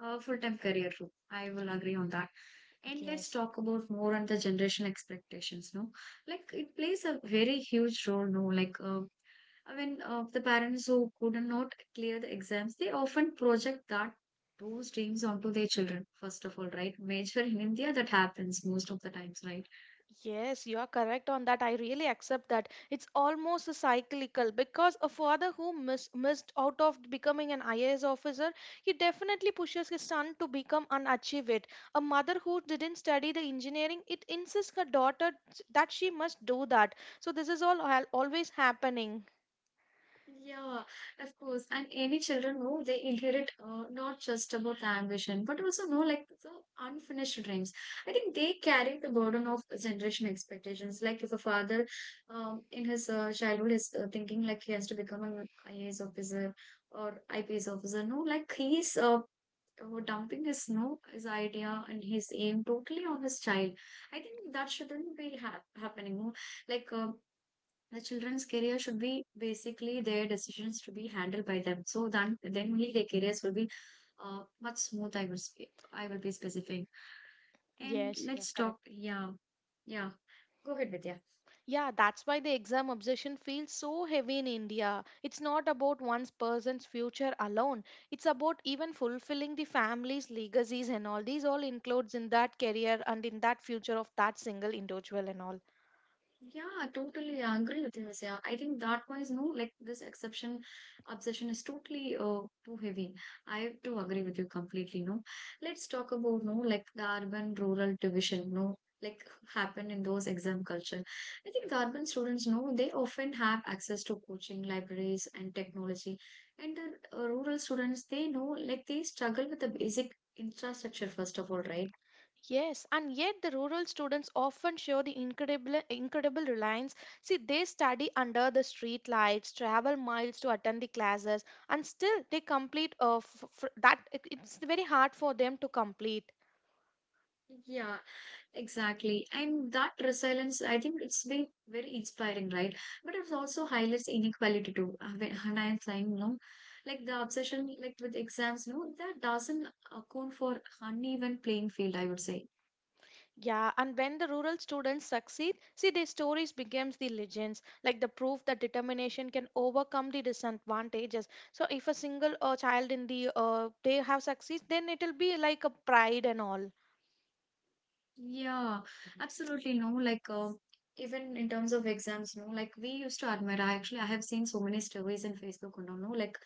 Speaker 1: full-time career role. I will agree on that. And let's
Speaker 2: Yes.
Speaker 1: talk about more on the generation expectations. No, like it plays a very huge role. No, like I mean, the parents who could not clear the exams, they often project that those dreams onto their children. First of all, right? Major in India, that happens most of the times, right?
Speaker 2: Yes, you are correct on that. I really accept that. It's almost a cyclical because a father who missed out of becoming an IAS officer, he definitely pushes his son to become and achieve it. A mother who didn't study the engineering, it insists her daughter that she must do that. So this is all always happening.
Speaker 1: Yeah, of course. And any children know, they inherit not just about the ambition, but also know like the unfinished dreams. I think they carry the burden of generation expectations. Like if a father, in his childhood is thinking like he has to become an IAS officer or IPS officer. No, like he's dumping his, no, his idea and his aim totally on his child. I think that shouldn't be happening. No? Like the children's career should be basically their decisions to be handled by them. So then only their careers will be much smooth. I will be specific. And
Speaker 2: Yes, yeah,
Speaker 1: let's talk.
Speaker 2: correct.
Speaker 1: Yeah, yeah. Go ahead, Vidya.
Speaker 2: Yeah, that's why the exam obsession feels so heavy in India. It's not about one person's future alone. It's about even fulfilling the family's legacies and all. These all includes in that career and in that future of that single individual and all.
Speaker 1: Yeah, totally. I totally agree with you, Asya. I think that was, no, like this exception obsession is totally too heavy. I have to agree with you completely. No, let's talk about, no, like the urban rural division. No, like happen in those exam culture. I think the urban students know, they often have access to coaching, libraries, and technology, and the rural students, they know like they struggle with the basic infrastructure first of all, right?
Speaker 2: Yes, and yet the rural students often show the incredible reliance. See, they study under the street lights, travel miles to attend the classes, and still they complete that it's very hard for them to complete.
Speaker 1: Yeah, exactly. And that resilience, I think it's been very inspiring, right? But it also highlights inequality too. And I'm saying, no, like the obsession, like with exams, no, that doesn't account for uneven playing field, I would say.
Speaker 2: Yeah, and when the rural students succeed, see their stories becomes the legends, like the proof that determination can overcome the disadvantages. So if a single child in the they have succeeds, then it'll be like a pride and all.
Speaker 1: Yeah, absolutely. No, like even in terms of exams, no, like we used to admire. I have seen so many surveys in Facebook, you know, no,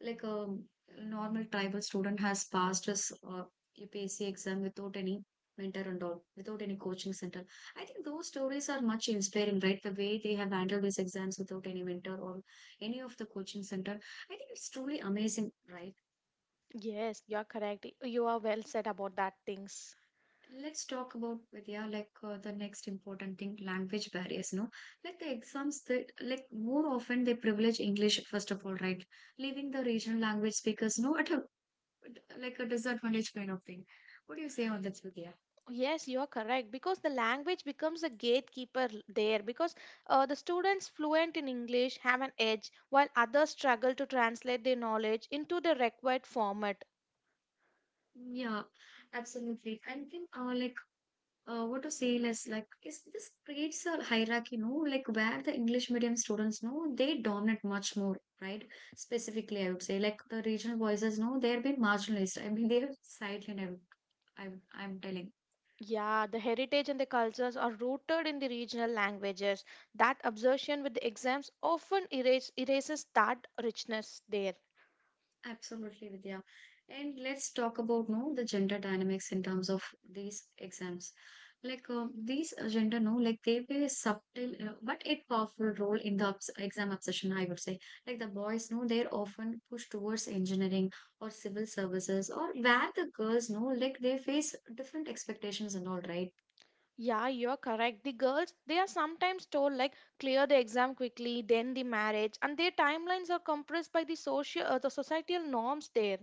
Speaker 1: like a normal tribal student has passed his UPSC exam without any mentor and all, without any coaching center. I think those stories are much inspiring, right? The way they have handled these exams without any mentor or any of the coaching center. I think it's truly amazing, right?
Speaker 2: Yes, you are correct. You are well said about that things.
Speaker 1: Let's talk about Vidya, like the next important thing, language barriers, no? Like the exams that, like more often they privilege English first of all, right? Leaving the regional language speakers, no, at a like a disadvantage kind of thing. What do you say on that, Vidya?
Speaker 2: Yes, you are correct because the language becomes a gatekeeper there because the students fluent in English have an edge while others struggle to translate their knowledge into the required format.
Speaker 1: Yeah, absolutely. And then, like what to say less like is this creates a hierarchy, no, like where the English medium students know they dominate much more, right? Specifically, I would say, like the regional voices, no, they're been marginalized. I mean, they're silent. I'm telling.
Speaker 2: Yeah, the heritage and the cultures are rooted in the regional languages. That obsession with the exams often erases that richness there.
Speaker 1: Absolutely, Vidya. And let's talk about no the gender dynamics in terms of these exams. Like these gender, no, like they play a subtle but a powerful role in the exam obsession. I would say, like the boys, no, they're often pushed towards engineering or civil services, or where the girls, no, like they face different expectations and all, right?
Speaker 2: Yeah, you're correct. The girls, they are sometimes told like clear the exam quickly, then the marriage, and their timelines are compressed by the social the societal norms there.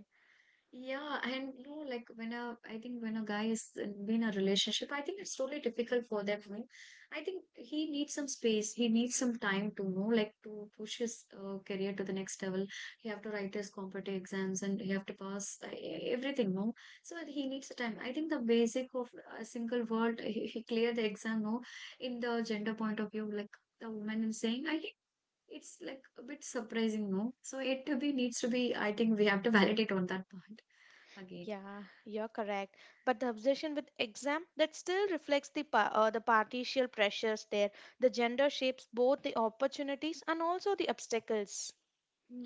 Speaker 1: Yeah, and you know, like when a, I think when a guy is been in a relationship, I think it's really difficult for them. You know. I think he needs some space. He needs some time to know, like to push his career to the next level. He have to write his competitive exams and he have to pass everything. No, so he needs the time. I think the basic of a single word, he clear the exam. No, in the gender point of view, like the woman is saying, I it's like a bit surprising, no? So it to be needs to be, I think we have to validate on that part again.
Speaker 2: Yeah, you're correct. But the obsession with exam that still reflects the the partial pressures there. The gender shapes both the opportunities and also the obstacles.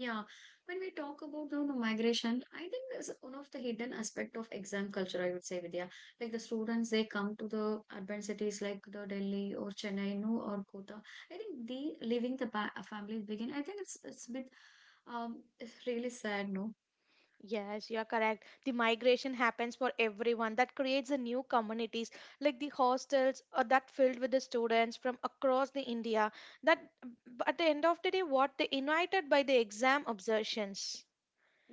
Speaker 1: Yeah, when we talk about the migration, I think that's one of the hidden aspect of exam culture, I would say, Vidya. Like the students, they come to the urban cities like the Delhi or Chennai, no, or Kota. I think they leaving the family begin. I think it's a bit it's really sad, no?
Speaker 2: Yes, you are correct. The migration happens for everyone. That creates the new communities like the hostels or that filled with the students from across the India. That at the end of the day, what they invited by the exam obsessions.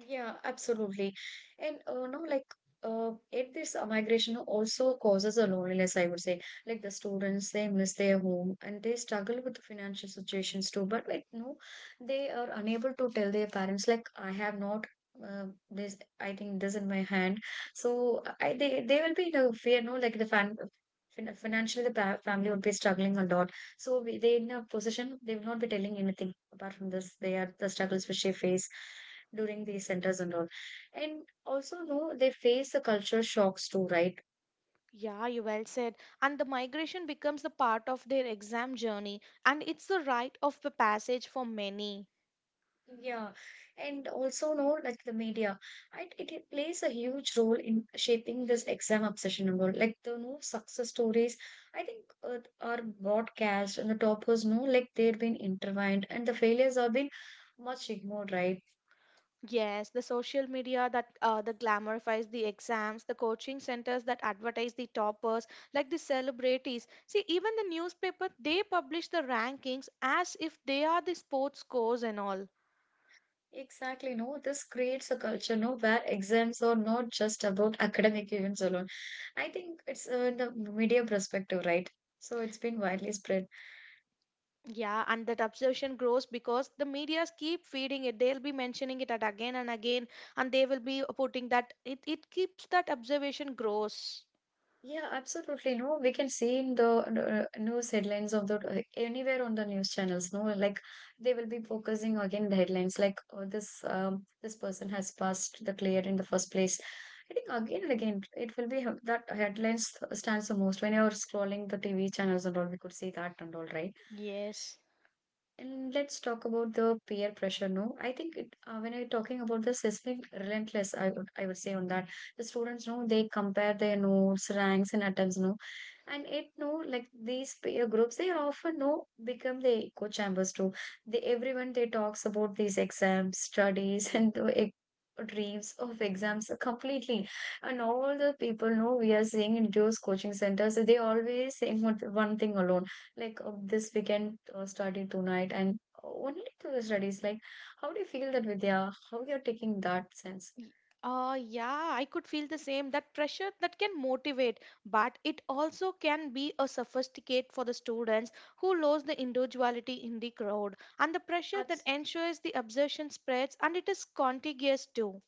Speaker 1: Yeah, absolutely. And no, like it this migration also causes a loneliness, I would say. Like the students, they miss their home and they struggle with the financial situations too. But like no, they are unable to tell their parents like I have not uh, this I think this in my hand. So I they will be in a fear. No, like the financially, the pa family would be struggling a lot. So they in a position they will not be telling anything apart from this they are the struggles which they face during these centers and all. And also no they face the culture shocks too, right?
Speaker 2: Yeah, you well said. And the migration becomes the part of their exam journey, and it's the rite of the passage for many.
Speaker 1: Yeah, and also no like the media it plays a huge role in shaping this exam obsession and all like the no success stories. I think are broadcast and the toppers, no, like they've been intertwined and the failures have been much ignored, right?
Speaker 2: Yes, the social media that the glamorifies the exams, the coaching centers that advertise the toppers, like the celebrities. See, even the newspaper, they publish the rankings as if they are the sports scores and all.
Speaker 1: Exactly, no, this creates a culture, no, where exams are not just about academic events alone. I think it's in the media perspective, right? So it's been widely spread.
Speaker 2: Yeah, and that obsession grows because the medias keep feeding it. They'll be mentioning it at again and again, and they will be putting that. It keeps that observation grows.
Speaker 1: Yeah, absolutely. No, we can see in the news headlines of the anywhere on the news channels. No, like they will be focusing again the headlines like oh, this this person has passed the clear in the first place. I think again and again it will be that headlines stands the most when you're scrolling the TV channels and all. We could see that and all, right?
Speaker 2: Yes.
Speaker 1: And let's talk about the peer pressure. No, I think it, when I'm talking about the systemic relentless, I would say on that the students know they compare their notes, ranks, and attempts. No, and it no like these peer groups they often no become the echo chambers too. They everyone they talks about these exams, studies, and the dreams of exams completely. And all the people know we are seeing in those coaching centers. They always say one thing alone like this weekend starting tonight and only to the studies like how do you feel that, Vidya? How you're taking that sense?
Speaker 2: Y- yeah, I could feel the same. That pressure that can motivate, but it also can be a sophisticate for the students who lose the individuality in the crowd. And the pressure that
Speaker 1: Absolutely.
Speaker 2: ensures the absorption spreads and it is contagious too.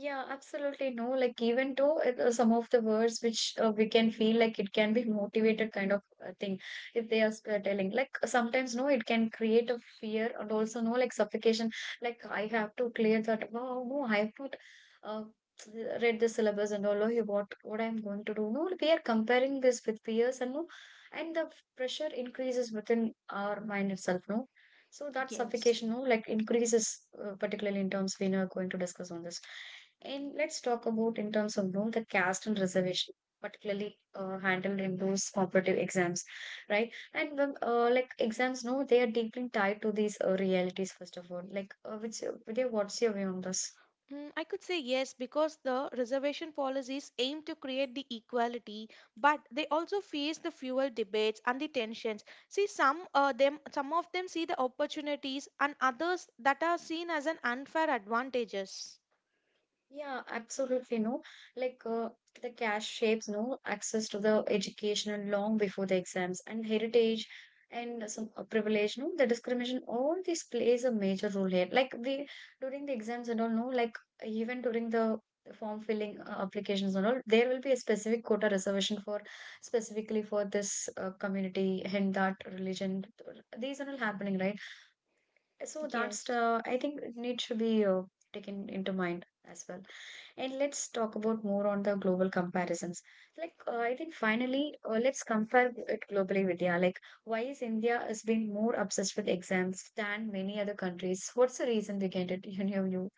Speaker 1: Yeah, absolutely, no. Like even though it, some of the words which we can feel like it can be motivated kind of thing. If they are telling like sometimes no it can create a fear and also no like suffocation like I have to clear that wow no I have not uh, read the syllabus and all oh, yeah, what I'm going to do no we are comparing this with peers and no and the pressure increases within our mind itself no so that
Speaker 2: Yes.
Speaker 1: suffocation, no, like increases, particularly in terms we are going to discuss on this. And let's talk about in terms of you know, the caste and reservation, particularly handled in those competitive exams, right? And the, like exams, no, they are deeply tied to these realities first of all. Like, Vidya, what's your view on this?
Speaker 2: Mm, I could say yes because the reservation policies aim to create the equality, but they also face the fuel debates and the tensions. See, some of them see the opportunities and others that are seen as an unfair advantages.
Speaker 1: Yeah, absolutely. No, like the cash shapes no access to the education long before the exams and heritage and some privilege. No, the discrimination, all this plays a major role here. Like we during the exams and all, no, like even during the form filling applications and all, there will be a specific quota reservation for specifically for this community and that religion. These are all happening, right? So that's
Speaker 2: Yes.
Speaker 1: I think it needs to be taken into mind as well. And let's talk about more on the global comparisons. Like, I think finally, let's compare it globally, Vidya. Like, why is India has been more obsessed with exams than many other countries? What's the reason behind it, in your view?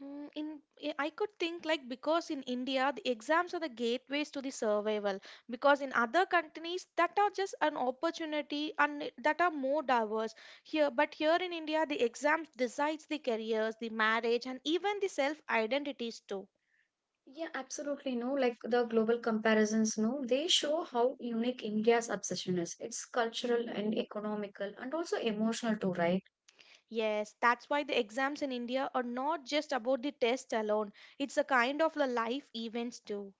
Speaker 2: Mm, In, I could think like because in India, the exams are the gateways to the survival. Because in other countries, that are just an opportunity and that are more diverse. Here, but here in India, the exams decides the careers, the marriage, and even the self identities too.
Speaker 1: Yeah, absolutely. No, like the global comparisons, no, they show how unique India's obsession is. It's cultural and economical and also emotional too, right?
Speaker 2: Yes, that's why the exams in India are not just about the test alone. It's a kind of a life events too.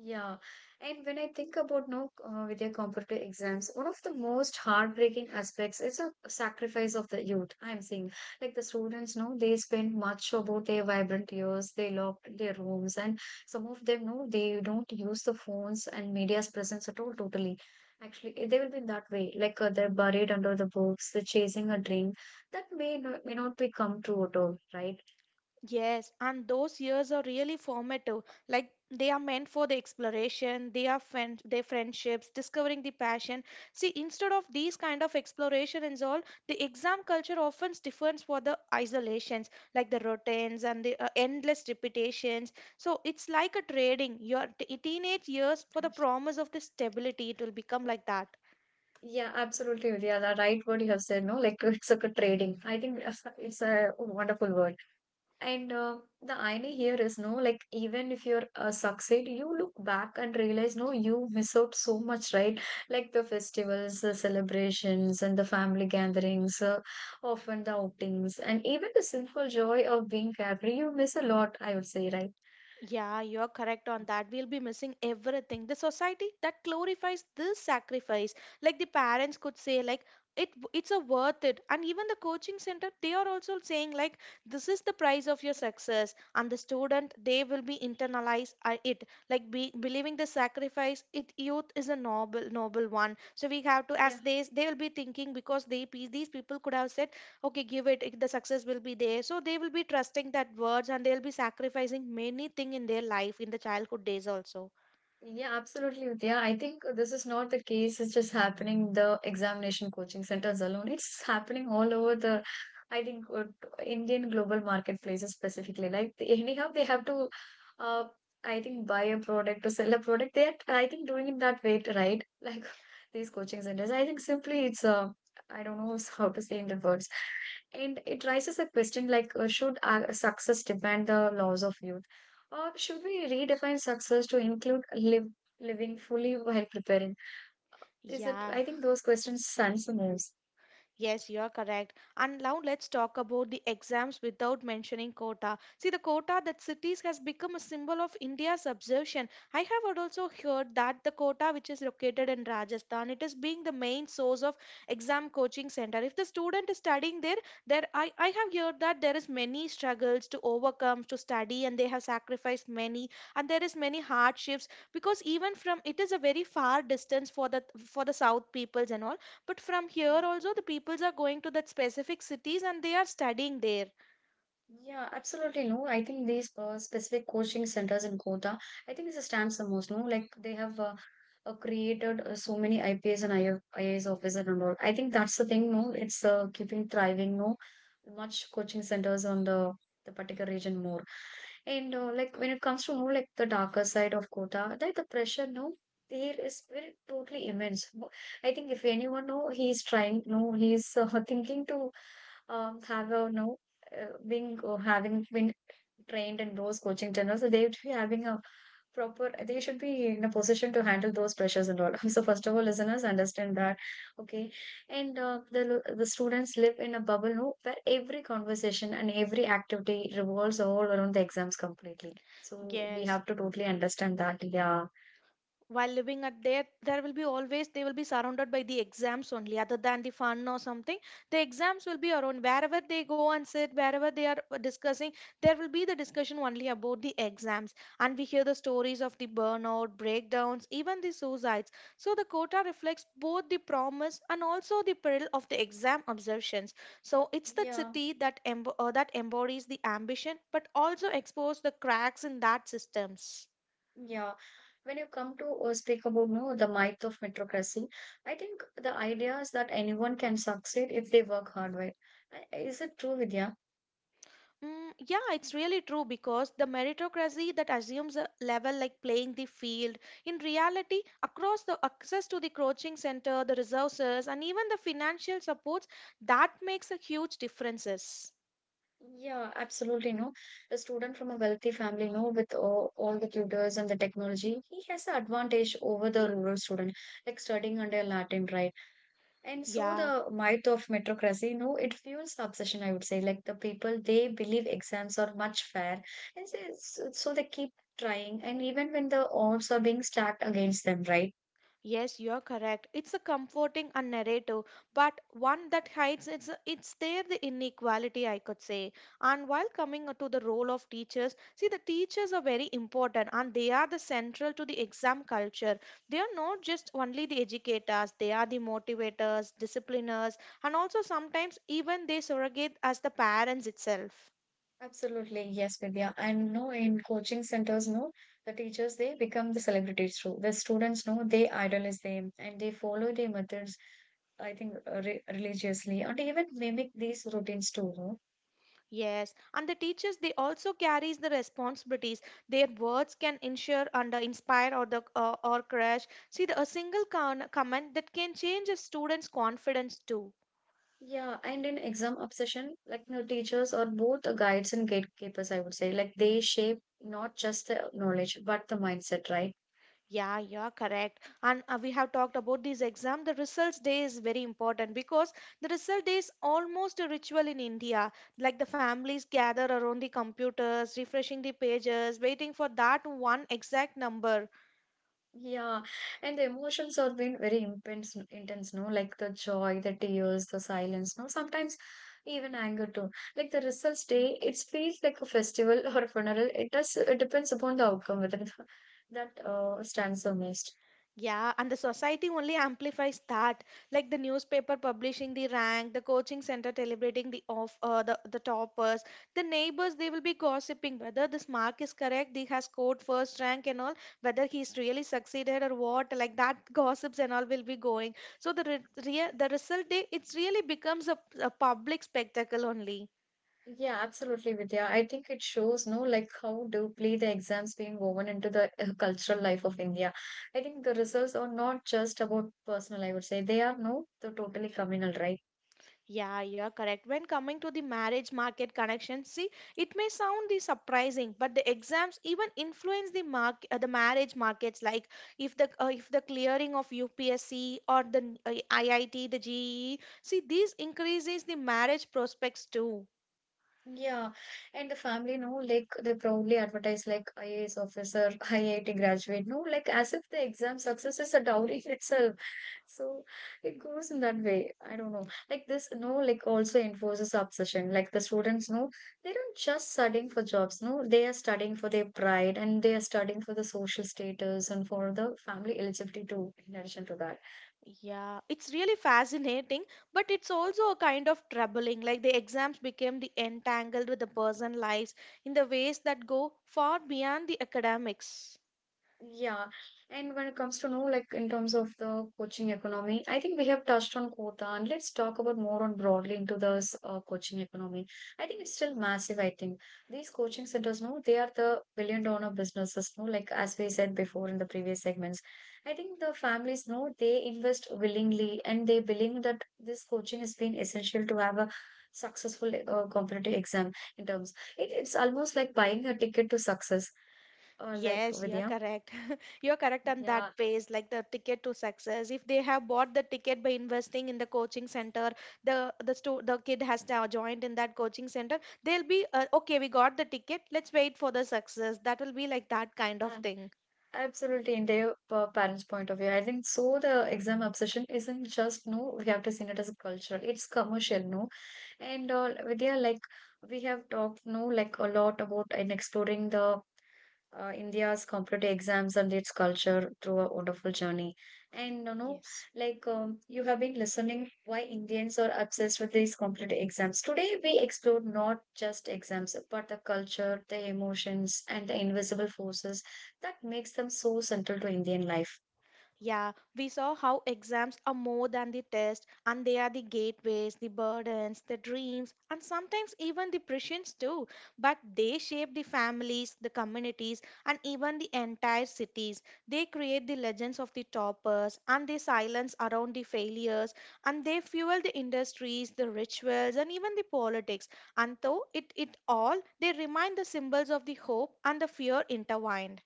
Speaker 1: Yeah, and when I think about now, with your competitive exams, one of the most heartbreaking aspects is a sacrifice of the youth. I'm seeing like the students know they spend much about their vibrant years, they lock their rooms, and some of them know they don't use the phones and media's presence at all totally. Actually, eh, they will be in that way, like they're buried under the books, they're chasing a dream that may not be come true at all, right?
Speaker 2: Yes, and those years are really formative. Like they are meant for the exploration, their friendships, discovering the passion. See, instead of these kind of exploration and all, the exam culture often differs for the isolations, like the routines and the endless repetitions. So it's like a trading your teenage years for the promise of the stability. It will become like that.
Speaker 1: Yeah, absolutely, Udaya. Right, what you have said, no, like it's like a trading. I think it's a wonderful word. And the irony here is, no, like even if you're succeed, you look back and realize, no, you miss out so much, right? Like the festivals, the celebrations, and the family gatherings, often the outings, and even the simple joy of being carefree, you miss a lot, I would say, right?
Speaker 2: Yeah, you're correct on that. We'll be missing everything. The society that glorifies this sacrifice, like the parents could say, like it it's a worth it. And even the coaching center, they are also saying like this is the price of your success. And the student, they will be internalize it, like believing the sacrifice. It youth is a noble one. So we have to, as they will be thinking because they pe- these people could have said okay give it, the success will be there, so they will be trusting that words and they'll be sacrificing many thing in their life in the childhood days also.
Speaker 1: Yeah, absolutely, Vidya. I think this is not the case. It's just happening the examination coaching centers alone. It's happening all over the, I think, uh, Indian global marketplaces specifically. Like anyhow, they have to, uh, I think, buy a product to sell a product. They are, I think, doing it that way, right? Like these coaching centers. I think simply it's I don't know how to say in the words, and it raises a question like, should success demand the laws of youth? Or should we redefine success to include living fully while preparing? Is it?
Speaker 2: Yeah.
Speaker 1: I think those questions answer most.
Speaker 2: Yes, you are correct. And now let's talk about the exams without mentioning Kota. See, the Kota that cities has become a symbol of India's obsession. I have also heard that the Kota, which is located in Rajasthan, it is being the main source of exam coaching center. If the student is studying there, I have heard that there is many struggles to overcome to study, and they have sacrificed many, and there is many hardships because even from it is a very far distance for the South peoples and all, but from here also, the peoples are going to that specific cities and they are studying there.
Speaker 1: Yeah, absolutely. No, I think these specific coaching centers in Kota, I think this stands the most. No, like they have created so many IPS and IF, IAS officers and all. I think that's the thing. No, it's keeping thriving. No, much coaching centers on the particular region more. And like when it comes to no, like the darker side of Kota, like the pressure. No, there is very totally immense. No, I think if anyone no, he is trying. No, he's thinking to have a no being having been trained in those coaching channels, so they should be having a proper. They should be in a position to handle those pressures and all. So first of all, listeners understand that, okay, and the students live in a bubble no, where every conversation and every activity revolves all around the exams completely. So we
Speaker 2: Yes,
Speaker 1: have to totally understand that. Yeah.
Speaker 2: while living at there, there will be always they will be surrounded by the exams only other than the fun or something. The exams will be around wherever they go and sit, wherever they are discussing, there will be the discussion only about the exams. And we hear the stories of the burnout breakdowns, even the suicides. So the quota reflects both the promise and also the peril of the exam observations. So it's the
Speaker 1: Yeah,
Speaker 2: city that that embodies the ambition but also expose the cracks in that systems.
Speaker 1: yeah. When you come to speak about no the myth of meritocracy, I think the idea is that anyone can succeed if they work hard, right? Is it true, Vidya?
Speaker 2: Mm, yeah, it's really true because the meritocracy that assumes a level like playing the field, in reality, across the access to the coaching center, the resources, and even the financial supports, that makes a huge differences.
Speaker 1: Yeah, absolutely, no, a student from a wealthy family, no, with all the tutors and the technology he has an advantage over the rural student, like studying under a latin, right? And so the
Speaker 2: Yeah.
Speaker 1: myth of meritocracy, no, it fuels the obsession, I would say. Like the people, they believe exams are much fair. And so, so they keep trying. And even when the odds are being stacked against them, right?
Speaker 2: Yes, you're correct. It's a comforting and narrative, but one that hides it's there the inequality I could say. And while coming to the role of teachers, see the teachers are very important and they are the central to the exam culture. They are not just only the educators, they are the motivators, discipliners, and also sometimes even they surrogate as the parents itself.
Speaker 1: Absolutely. Yes, Vidya. And no, in coaching centers, no, the teachers, they become the celebrities too. The students, no, they idolize them and they follow their methods. I think re religiously and even mimic these routines too, no?
Speaker 2: Yes, and the teachers they also carries the responsibilities. Their words can ensure and inspire or the or crush. See, a single comment that can change a student's confidence too.
Speaker 1: Yeah, and in exam obsession, like you know, teachers are both the guides and gatekeepers, I would say. Like they shape not just the knowledge, but the mindset, right?
Speaker 2: Yeah, you're correct. And we have talked about this exam. The results day is very important because the result day is almost a ritual in India. Like the families gather around the computers, refreshing the pages, waiting for that one exact number.
Speaker 1: Yeah, and the emotions have been very intense, intense, no? Like the joy, the tears, the silence, no? Sometimes even anger too. Like the results day, it feels like a festival or a funeral. It does, it depends upon the outcome whether that stands the most.
Speaker 2: Yeah, and the society only amplifies that, like the newspaper publishing the rank, the coaching center celebrating the toppers, the neighbors they will be gossiping whether this mark is correct, he has scored first rank and all, whether he's really succeeded or what, like that gossips and all will be going. So the result day it's really becomes a public spectacle only.
Speaker 1: Yeah, absolutely, Vidya. I think it shows, no, like how deeply the exams being woven into the cultural life of India. I think the results are not just about personal, I would say. They are, no, the totally communal, right?
Speaker 2: Yeah, you're correct. When coming to the marriage market connection, see, it may sound the surprising, but the exams even influence the mark the marriage markets. Like if the clearing of UPSC or the IIT, the GE, see, these increases the marriage prospects too.
Speaker 1: Yeah, and the family, no, like they proudly advertise like IAS officer, IIT graduate, no, like as if the exam success is a dowry in itself. So it goes in that way. I don't know. Like this, no, like also enforces obsession. Like the students, no, they don't just studying for jobs, no, they are studying for their pride and they are studying for the social status and for the family eligibility too, in addition to that.
Speaker 2: Yeah, it's really fascinating, but it's also a kind of troubling. Like the exams became the entangled with the person lives in the ways that go far beyond the academics.
Speaker 1: Yeah, and when it comes to know, like in terms of the coaching economy, I think we have touched on quota, and let's talk about more on broadly into this coaching economy. I think it's still massive. I think these coaching centers, no, they are the billion dollar businesses, no, like as we said before in the previous segments. I think the families, no, they invest willingly, and they believe that this coaching has been essential to have a successful competitive exam. In terms, it's almost like buying a ticket to success or like
Speaker 2: Yes, you're
Speaker 1: Vidya.
Speaker 2: correct. You're correct on that
Speaker 1: Yeah,
Speaker 2: phase, like the ticket to success. If they have bought the ticket by investing in the coaching center, the the kid has now joined in that coaching center. They'll be okay. We got the ticket. Let's wait for the success. That will be like that kind of
Speaker 1: uh,
Speaker 2: thing.
Speaker 1: absolutely. In their parents' point of view, I think so. The exam obsession isn't just no. We have to see it as a cultural. It's commercial, no. And Vidya, like we have talked, no, like a lot about and exploring the India's competitive exams and its culture through a wonderful journey. And you know,
Speaker 2: Yes.
Speaker 1: like you have been listening, why Indians are obsessed with these competitive exams. Today, we explore not just exams, but the culture, the emotions, and the invisible forces that makes them so central to Indian life.
Speaker 2: Yeah, we saw how exams are more than the test and they are the gateways, the burdens, the dreams, and sometimes even the prisons too. But they shape the families, the communities, and even the entire cities. They create the legends of the toppers and they silence around the failures and they fuel the industries, the rituals, and even the politics. And though it all, they remind the symbols of the hope and the fear intertwined.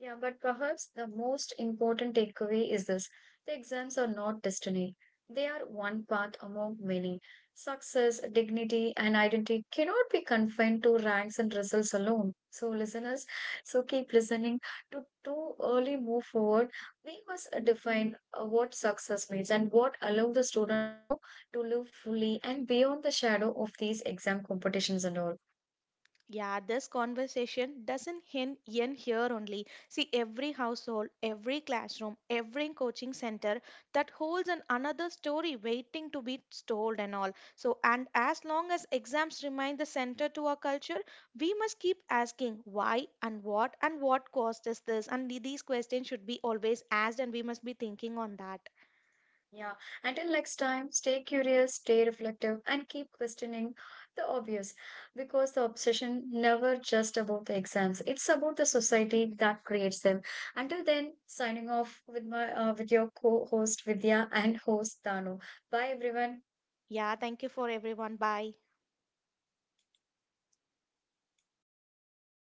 Speaker 1: Yeah, but perhaps the most important takeaway is this: the exams are not destiny. They are one path among many. Success, dignity, and identity cannot be confined to ranks and results alone. So, listeners, so keep listening. To too early move forward, we must define what success means and what allow the students know to live fully and beyond the shadow of these exam competitions and all.
Speaker 2: Yeah, this conversation doesn't end here only. See, every household, every classroom, every coaching center that holds an another story waiting to be told and all. So, and as long as exams remain the center to our culture, we must keep asking why and what caused us this. And these questions should be always asked, and we must be thinking on that.
Speaker 1: Yeah, until next time, stay curious, stay reflective, and keep questioning the obvious, because the obsession never just about the exams. It's about the society that creates them. Until then, signing off with my with your co-host Vidya and host Dano. Bye everyone.
Speaker 2: Yeah, thank you for everyone. Bye.